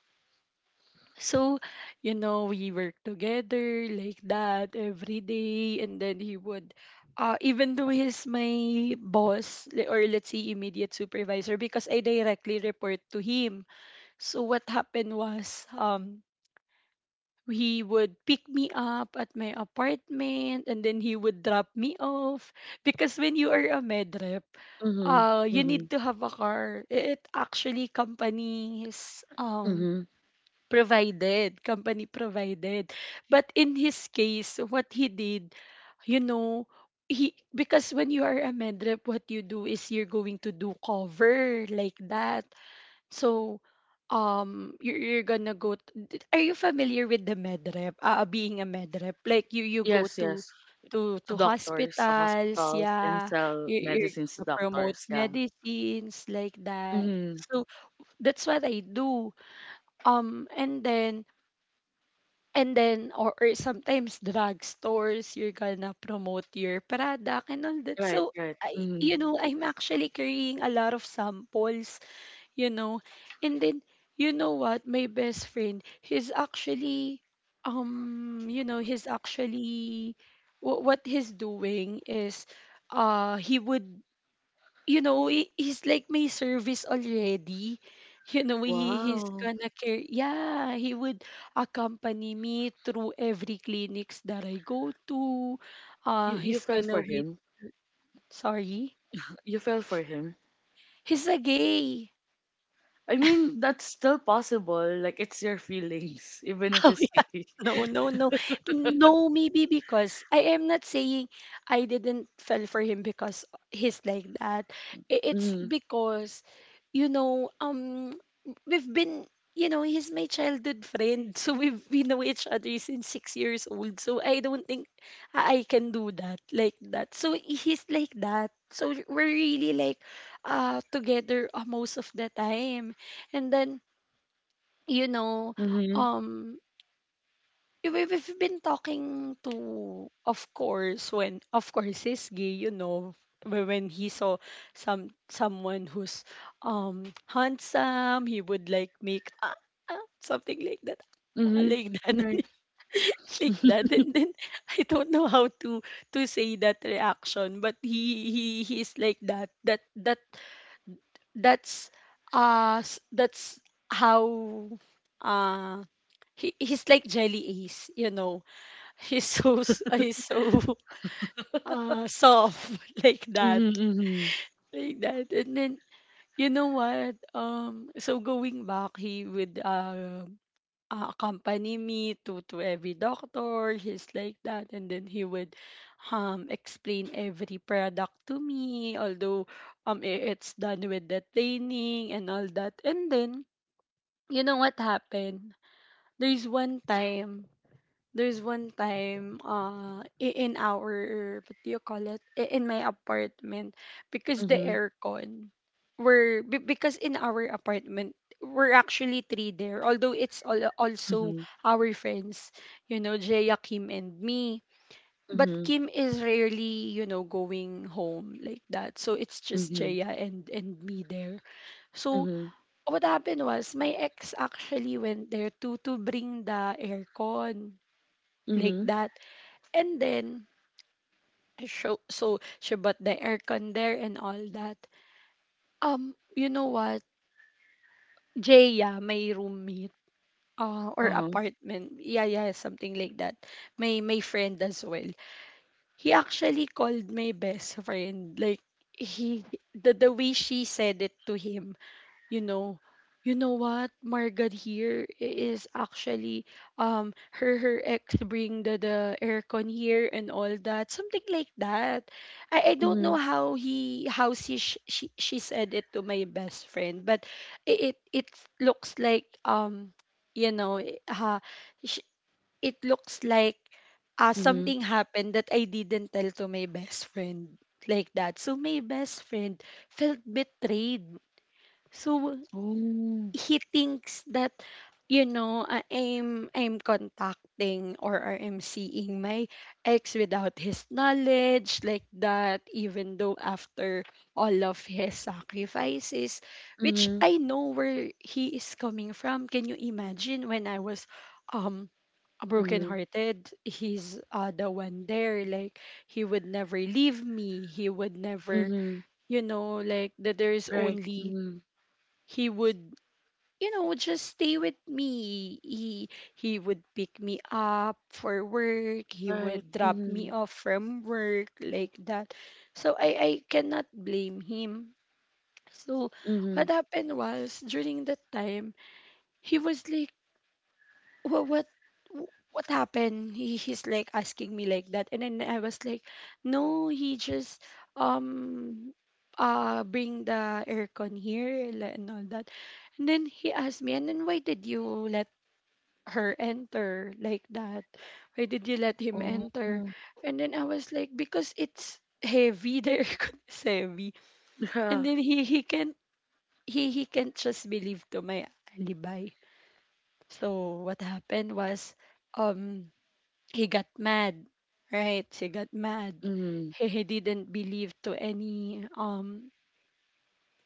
Speaker 1: so, you know, we work together like that every day. And then he would, even though he's my boss or let's say immediate supervisor, because I directly report to him. So, what happened was, he would pick me up at my apartment, and then he would drop me off. Because when you are a med rep,
Speaker 2: Mhm,
Speaker 1: you need
Speaker 2: mhm,
Speaker 1: to have a car. It actually companies,
Speaker 2: mhm.
Speaker 1: provided, company provided. But in his case, what he did, you know, he because when you are a med rep, what you do is you're going to do cover like that. So you're gonna go are you familiar with the med rep being a med rep like you go
Speaker 2: Yes,
Speaker 1: to
Speaker 2: yes.
Speaker 1: to
Speaker 2: To
Speaker 1: to
Speaker 2: doctors, to
Speaker 1: hospitals,
Speaker 2: hospitals, and
Speaker 1: yeah,
Speaker 2: sell
Speaker 1: you're
Speaker 2: medicines to
Speaker 1: gonna promote
Speaker 2: doctors. Yeah.
Speaker 1: medicines like that,
Speaker 2: Mhm.
Speaker 1: so that's what I do, um and then or sometimes drugstores, you're gonna promote your product and all that.
Speaker 2: Right,
Speaker 1: So,
Speaker 2: right.
Speaker 1: I,
Speaker 2: Mhm.
Speaker 1: you know, I'm actually carrying a lot of samples, you know. And then, you know what? My best friend, he's actually, you know, he's actually, what he's doing is, he would, you know, he's like my service already. You know, he's
Speaker 2: Wow.
Speaker 1: gonna care. Yeah, he would accompany me through every clinics that I go to.
Speaker 2: You
Speaker 1: He's
Speaker 2: fell
Speaker 1: gonna
Speaker 2: for
Speaker 1: wait.
Speaker 2: him.
Speaker 1: Sorry.
Speaker 2: You fell for him.
Speaker 1: He's a gay.
Speaker 2: I mean, that's still possible. Like it's your feelings, *laughs* even if it's
Speaker 1: *laughs*
Speaker 2: *laughs*
Speaker 1: No, no, no. No, maybe because I am not saying I didn't fell for him because he's like that. It's
Speaker 2: gay.
Speaker 1: because, you know, we've been, you know, he's my childhood friend. *laughs* So we know each other since 6 years old. So I don't think I can do that like that. So he's like that. So we're really like together, most of the time. And then, you know,
Speaker 2: Mhm.
Speaker 1: um yeah, we've been talking to, of course, when of course he's gay, you know, when he saw someone who's handsome, he would like make ah, ah, something like that, ah,
Speaker 2: Mhm.
Speaker 1: like that,
Speaker 2: Right.
Speaker 1: *laughs* like that,
Speaker 2: *laughs*
Speaker 1: and then I don't know how to say that reaction, but he's like that. That's that's how uh he's like Jelly Ace, you know, he's he's so soft *laughs* like that,
Speaker 2: Mhm. Mhm.
Speaker 1: like that. And then you know what? So going back, he would accompany me to every doctor, he's like that. And then he would explain every product to me, although it's done with the training and all that. And then you know what happened? there's one time There's one time in our, what do you call it? In my apartment, because the
Speaker 2: Mhm.
Speaker 1: aircon because in our apartment, we're actually three there, although it's all, also
Speaker 2: Mhm.
Speaker 1: our friends, you know, Jaya, Kim and me. But
Speaker 2: Mhm.
Speaker 1: Kim is rarely, you know, going home like that. So it's just
Speaker 2: Mhm.
Speaker 1: Jaya and me there. So
Speaker 2: Mhm.
Speaker 1: what happened was my ex actually went there to bring the aircon like
Speaker 2: Mhm.
Speaker 1: that. And then I show, so she bought the aircon there and all that. You know what? Jaya, my roommate, or
Speaker 2: Uh-huh.
Speaker 1: apartment. Yeah, yeah, something like that. My friend as well. He actually called my best friend. Like he, the way she said it to him. You know, you know what Margaret here is actually, um her, her ex bring the aircon here and all that, something like that. I don't know
Speaker 2: Mhm.
Speaker 1: how he, how she, she said it to my best friend, but it it looks like, you know, sh- it looks like
Speaker 2: Mhm.
Speaker 1: something happened that I didn't tell to my best friend like that. So my best friend felt betrayed. So
Speaker 2: Oh.
Speaker 1: he thinks that, you know, I'm contacting or I'm seeing my ex without his knowledge like that, even though after all of his sacrifices, which
Speaker 2: Mhm.
Speaker 1: I know where he is coming from. Can you imagine when I was um broken
Speaker 2: Mhm.
Speaker 1: hearted, he's the one there, like he would never leave me, he would never,
Speaker 2: Mhm.
Speaker 1: you know, like that. There's
Speaker 2: Right.
Speaker 1: only,
Speaker 2: Mhm.
Speaker 1: he would, you know, just stay with me. He would pick me up for work. He
Speaker 2: Right.
Speaker 1: would drop me
Speaker 2: Mhm.
Speaker 1: off from work like that. So I cannot blame him. So
Speaker 2: Mhm.
Speaker 1: what happened was during that time he was like, what what what happened? He, he's like asking me like that. And then I was like, no, he just um bring the aircon here and all that. And then he asked me, and then why did you let her enter like that? Why did you let him enter?
Speaker 2: Oh.
Speaker 1: And then I was like, because it's heavy, the *laughs* aircon is heavy. And
Speaker 2: Yeah.
Speaker 1: then he can't, he can't just believe to my alibi. So what happened was, um he got mad, right? He got mad.
Speaker 2: Mhm.
Speaker 1: He didn't believe to any um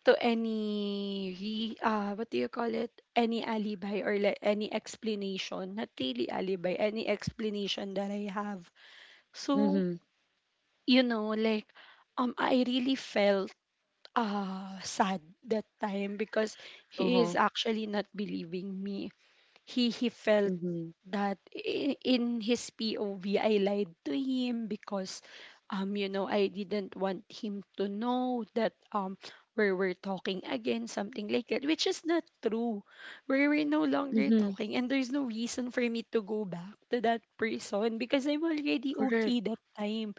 Speaker 1: to any, he, what do you call it, any alibi or like any explanation, not really alibi, any explanation that I have. So,
Speaker 2: Mhm.
Speaker 1: you know, like, I really felt sad that time because he
Speaker 2: Uh-huh.
Speaker 1: is actually not believing me. He felt
Speaker 2: Mhm.
Speaker 1: that, in his POV, I lied to him because, you know, I didn't want him to know that, we were talking again, something like that, which is not true. We were no longer
Speaker 2: Mhm.
Speaker 1: talking, and there's no reason for me to go back to that person because I'm already
Speaker 2: Correct.
Speaker 1: okay that time.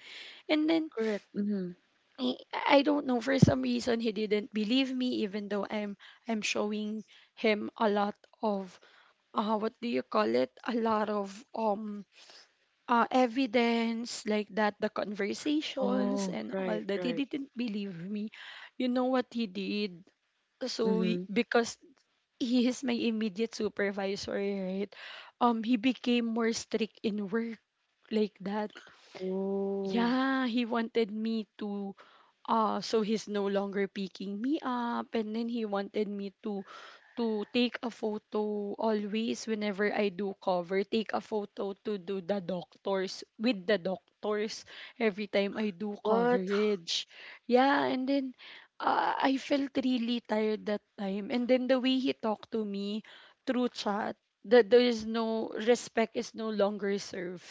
Speaker 1: And then
Speaker 2: Correct. Mhm.
Speaker 1: I I don't know, for some reason he didn't believe me, even though I'm showing him a lot of, what do you call it, a lot of evidence like that, the conversations
Speaker 2: Oh.
Speaker 1: and
Speaker 2: Right.
Speaker 1: all that. He
Speaker 2: Right.
Speaker 1: didn't believe me. You know what he did?
Speaker 2: Mhm.
Speaker 1: Because he is my immediate supervisor, right? He became more strict in work like that.
Speaker 2: Oh.
Speaker 1: Yeah, he wanted me to, so he's no longer picking me up. And then he wanted me to take a photo always whenever I do cover, take a photo to do the doctors, with the doctors every time I do
Speaker 2: What?
Speaker 1: coverage. Yeah. And then I felt really tired that time. And then the way he talked to me through chat, that there is no respect, is no longer served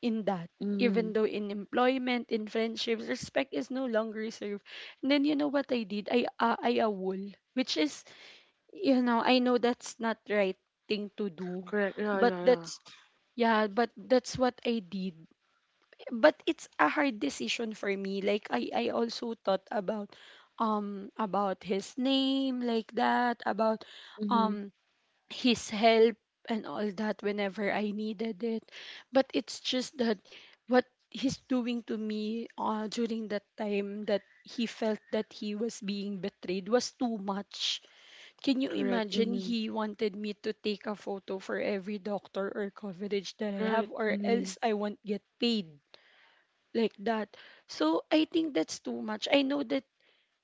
Speaker 1: in that.
Speaker 2: Mhm.
Speaker 1: Even though in employment, in friendships, respect is no longer served. And then you know what I did? I wool, which is, you know, I know that's not right thing to do,
Speaker 2: Correct. Yeah.
Speaker 1: but
Speaker 2: Yeah. Yeah.
Speaker 1: that's, yeah, but that's what I did. But it's a hard decision for me. Like I also thought about, about his name like that, about,
Speaker 2: Mhm.
Speaker 1: um his help and all that whenever I needed it. But it's just that what he's doing to me, during that time, that he felt that he was being betrayed, was too much. Can you
Speaker 2: Correct.
Speaker 1: imagine
Speaker 2: Mm-hmm.
Speaker 1: he wanted me to take a photo for every doctor or coverage that I
Speaker 2: Right.
Speaker 1: have, or
Speaker 2: Mm-hmm.
Speaker 1: else I won't get paid like that. So I think that's too much. I know that,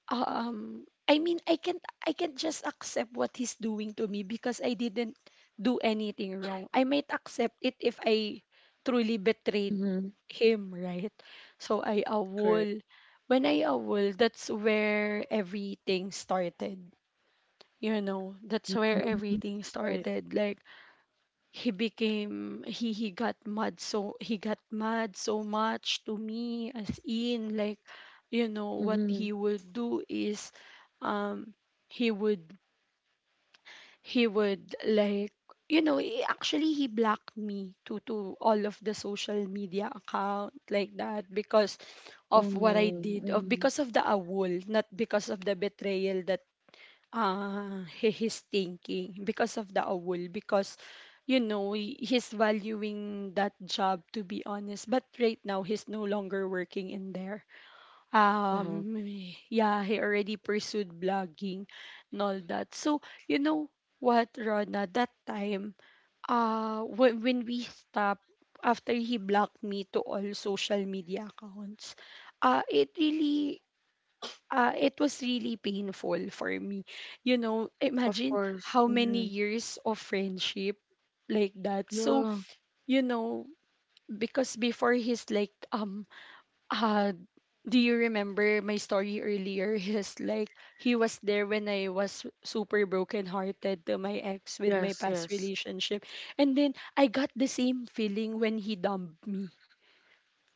Speaker 1: I mean, I can't just accept what he's doing to me because I didn't do anything wrong. I might accept it if I truly betrayed
Speaker 2: Mm-hmm.
Speaker 1: him, right? So I
Speaker 2: Correct.
Speaker 1: awol. When I awol, that's where everything started, you know, that's where
Speaker 2: Mm-hmm.
Speaker 1: everything
Speaker 2: Right.
Speaker 1: started. Like he became, he got mad, so he got mad so much to me, as in, like, you know what
Speaker 2: Mm-hmm.
Speaker 1: he would do is, um he would, he would, like, you know, he, actually, he blocked me to all of the social media account like that because of
Speaker 2: Oh
Speaker 1: what I
Speaker 2: no.
Speaker 1: did, of,
Speaker 2: Mm-hmm.
Speaker 1: because of the awol, not because of the betrayal. that, he, he's thinking because of the awol, because, you know, he's valuing that job, to be honest. But right now he's no longer working in there.
Speaker 2: Uh-huh.
Speaker 1: um yeah, he already pursued blogging and all that. So, you know what, Rona, that time, when we stopped, after he blocked me to all social media accounts, it really, it was really painful for me. You know,
Speaker 2: Of
Speaker 1: imagine
Speaker 2: course.
Speaker 1: how many
Speaker 2: Mm-hmm.
Speaker 1: years of friendship like that. So,
Speaker 2: Yeah.
Speaker 1: you know, because before he's like, uh, do you remember my story earlier? *laughs* He's like, he was there when I was super brokenhearted to my ex, with my
Speaker 2: Yes.
Speaker 1: past
Speaker 2: Yes.
Speaker 1: relationship. And then I got the same feeling when he dumped me.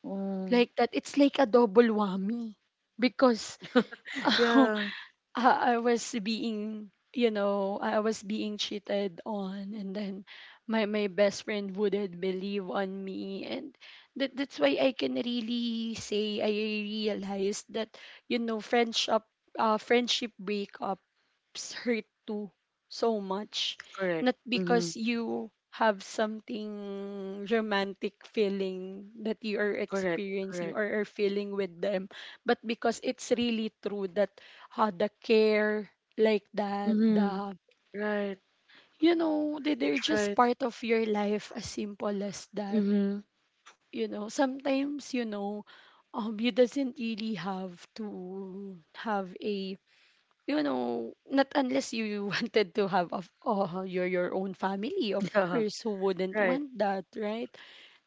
Speaker 2: Oh.
Speaker 1: Like that, it's like a double whammy. Because *laughs* I
Speaker 2: Yeah.
Speaker 1: I was being, you know, I was being cheated on, and then my best friend wouldn't believe on me, and that, that's why I can really say I realized that, you know, friendship, friendship breakups hurt too so much,
Speaker 2: Correct.
Speaker 1: not
Speaker 2: Mm-hmm.
Speaker 1: because you have something romantic feeling that you are
Speaker 2: Correct.
Speaker 1: experiencing
Speaker 2: Correct.
Speaker 1: or are feeling with them, but because it's really true that, the care, like that,
Speaker 2: Mm-hmm.
Speaker 1: the,
Speaker 2: Right.
Speaker 1: you know, they, they're just
Speaker 2: Right.
Speaker 1: part of your life, as simple as that.
Speaker 2: Mm-hmm. *laughs*
Speaker 1: You know, sometimes, you know, you doesn't really have to have a, you know, not unless you *laughs* wanted to have of, your own family, of
Speaker 2: Yeah.
Speaker 1: course, who wouldn't
Speaker 2: Right.
Speaker 1: want that, right?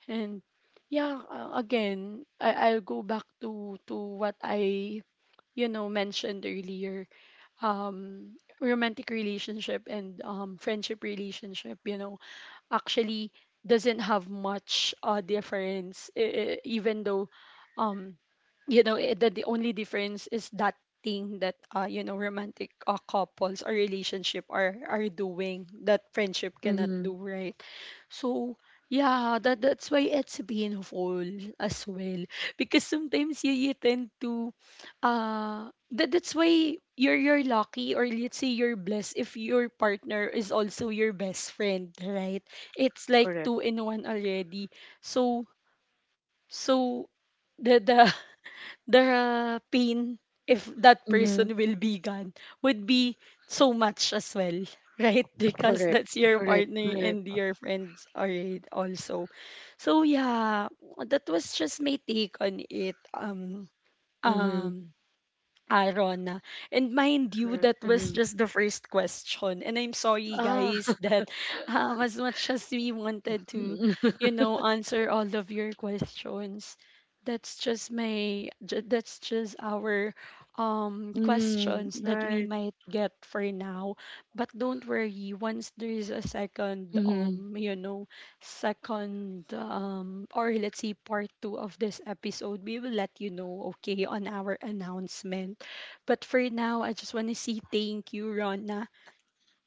Speaker 1: And yeah, again, I, I'll go back to what I, you know, mentioned earlier. um Romantic relationship and, friendship relationship, you know, actually doesn't have much, difference, even though, um, you know, the only difference is that thing that, you know, romantic, couples or relationship are doing that friendship cannot
Speaker 2: Mm-hmm.
Speaker 1: do, right? So yeah, that, that's why it's painful as well, because sometimes you, you tend to, that, that's why you're lucky, or let's say you're blessed, if your partner is also your best friend, right? It's like
Speaker 2: Correct.
Speaker 1: two in one already. So, so the *laughs* the pain, if that
Speaker 2: Mm-hmm.
Speaker 1: person will be gone, would be so much as well, right? *laughs* Because
Speaker 2: Correct.
Speaker 1: that's your
Speaker 2: Correct.
Speaker 1: partner
Speaker 2: Correct.
Speaker 1: and your friends already also. So yeah, that was just my take on it.
Speaker 2: Mm-hmm.
Speaker 1: Um Arona. And mind you,
Speaker 2: Correct.
Speaker 1: that was
Speaker 2: Mm-hmm.
Speaker 1: just the first question. And I'm sorry,
Speaker 2: Ah.
Speaker 1: guys, *laughs* that, as much as we wanted
Speaker 2: *laughs*
Speaker 1: to,
Speaker 2: mm-hmm.
Speaker 1: you know, answer all of your questions, that's just my, that's just our, questions that we
Speaker 2: Right.
Speaker 1: might get for now. But don't worry, once there is a second,
Speaker 2: Mm-hmm.
Speaker 1: you know, second, or let's say part two of this episode, we will let you know, okay, on our announcement. But for now, I just want to say thank you, Rona,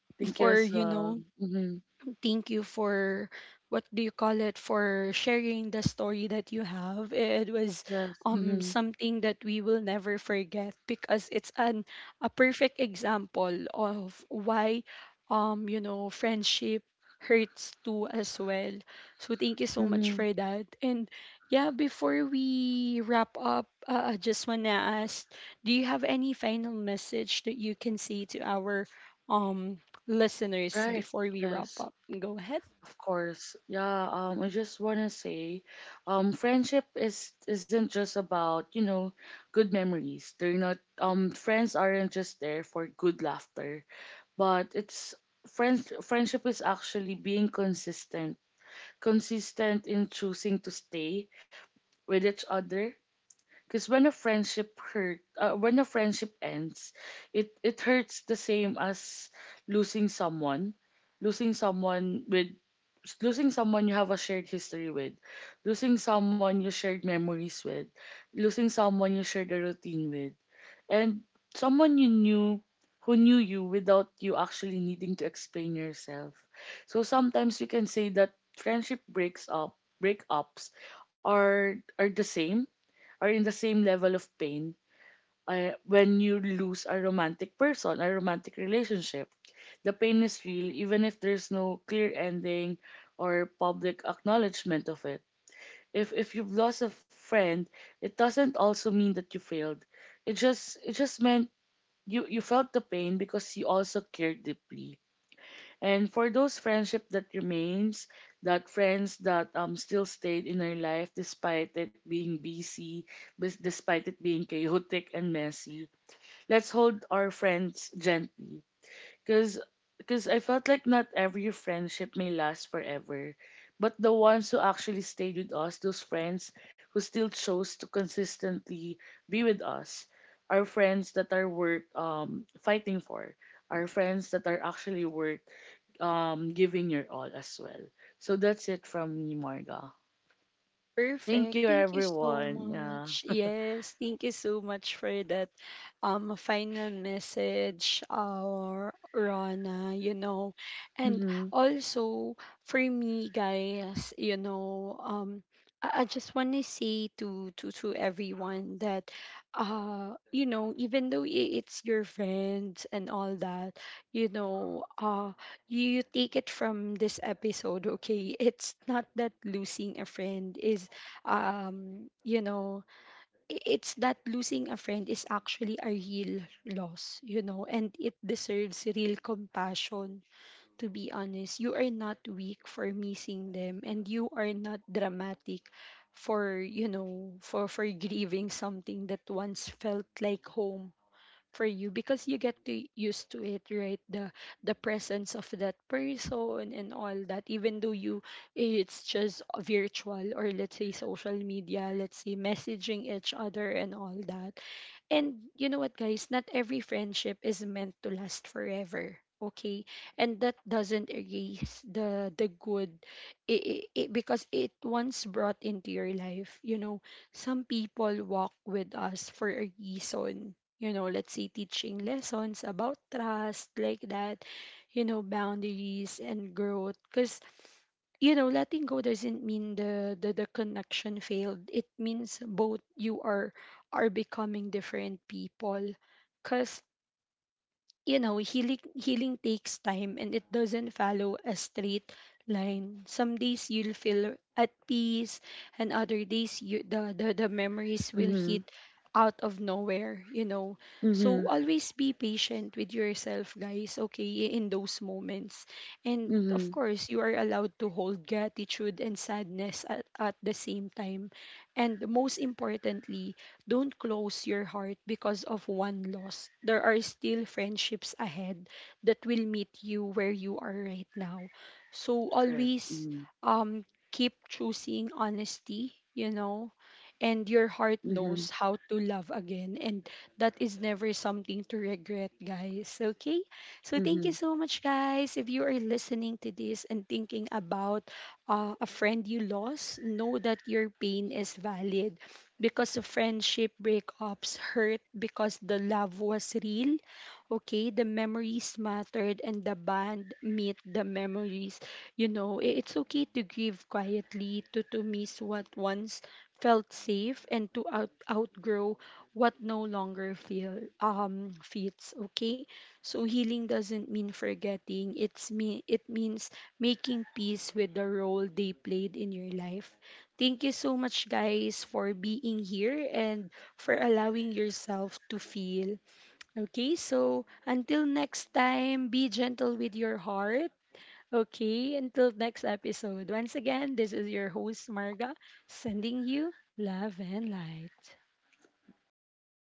Speaker 1: *laughs*
Speaker 2: Thank you
Speaker 1: for,
Speaker 2: as
Speaker 1: you
Speaker 2: well.
Speaker 1: know,
Speaker 2: Mm-hmm.
Speaker 1: thank you for, what do you call it, for sharing the story that you have. It was
Speaker 2: Yes. Mm-hmm.
Speaker 1: something that we will never forget because it's an, a perfect example of why, you know, friendship hurts too as well. So thank you so much
Speaker 2: Mm-hmm.
Speaker 1: for that. And yeah, before we wrap up, I just wanna ask, do you have any final message that you can say to our, um listeners,
Speaker 2: Right.
Speaker 1: before we wrap
Speaker 2: Yes.
Speaker 1: up, go ahead.
Speaker 2: Of course. Yeah. I just wanna say, friendship is isn't just about, you know, good memories. They're not. Friends aren't just there for good laughter, but it's friendship is actually being consistent. Consistent in choosing to stay with each other. Because when a friendship ends, it hurts the same as losing someone, losing someone with, losing someone you have a shared history with, losing someone you shared memories with, losing someone you shared a routine with, and someone you knew, who knew you without you actually needing to explain yourself. So sometimes we can say that breakups are the same, are in the same level of pain when you lose a romantic relationship. The pain is real even if there's no clear ending or public acknowledgement of it. If you've lost a friend, it doesn't also mean that you failed. It just meant you felt the pain because you also cared deeply, and for those friendship that remains, that friends that still stayed in our life despite it being busy, despite it being chaotic and messy, let's hold our friends gently. Cause, cause I felt like not every friendship may last forever, but the ones who actually stayed with us, those friends who still chose to consistently be with us, are friends that are worth fighting for, are friends that are actually worth giving your all as well. So that's it from me, Marga. Thank
Speaker 1: Perfect.
Speaker 2: you,
Speaker 1: Thank you so
Speaker 2: everyone. Yeah.
Speaker 1: much. Yes, thank you so much for that final message, our Rana, you know. And
Speaker 2: Mm-hmm.
Speaker 1: also for me, guys, you know, I just want to say to everyone that, you know, even though, it's your friends and all that, you know, you take it from this episode, okay? It's not that losing a friend is, you know, it's that losing a friend is actually a real loss, you know, and it deserves real compassion. To be honest, you are not weak for missing them, and you are not dramatic for, you know, for grieving something that once felt like home for you, because you get to used to it, right? The presence of that person and all that, even though you, it's just virtual, or let's say social media, let's say messaging each other and all that. And you know what, guys? Not every friendship is meant to last forever. Okay, and that doesn't erase the good, it, because it once brought into your life. You know, some people walk with us for a reason. You know, let's say teaching lessons about trust, like that. You know, boundaries and growth, because, you know, letting go doesn't mean the connection failed, it means both you are becoming different people, because, you know, healing takes time, and it doesn't follow a straight line. Some days you'll feel at peace, and other days you, the memories will
Speaker 2: Mm-hmm.
Speaker 1: hit out of nowhere, you know. So
Speaker 2: Mm-hmm.
Speaker 1: always be patient with yourself, guys, okay, in those moments. And of
Speaker 2: Mm-hmm.
Speaker 1: course, you are allowed to hold gratitude and sadness at the same time. And most importantly, don't close your heart because of one loss. There are still friendships ahead that will meet you where you are right now. So
Speaker 2: Correct.
Speaker 1: always,
Speaker 2: Mm-hmm.
Speaker 1: um keep choosing honesty, you know, and your heart
Speaker 2: Mm-hmm.
Speaker 1: knows how to love again, and that is never something to regret, guys. Okay? So
Speaker 2: Mm-hmm.
Speaker 1: thank you so much, guys, if you are listening to this and thinking about, a friend you lost, know that your pain is valid because of friendship breakups, hurt because the love was real, okay, the memories mattered, and the band meet the memories. You know, it's okay to grieve quietly, to miss what once felt safe, and to out, outgrow what no longer feel, fits, okay? So healing doesn't mean forgetting, it's me, it means making peace with the role they played in your life. Thank you so much, guys, for being here, and for allowing yourself to feel. Okay, so until next time, be gentle with your heart. Okay, until next episode. Once again, this is your host, Marga, sending you love and light.
Speaker 2: Bye.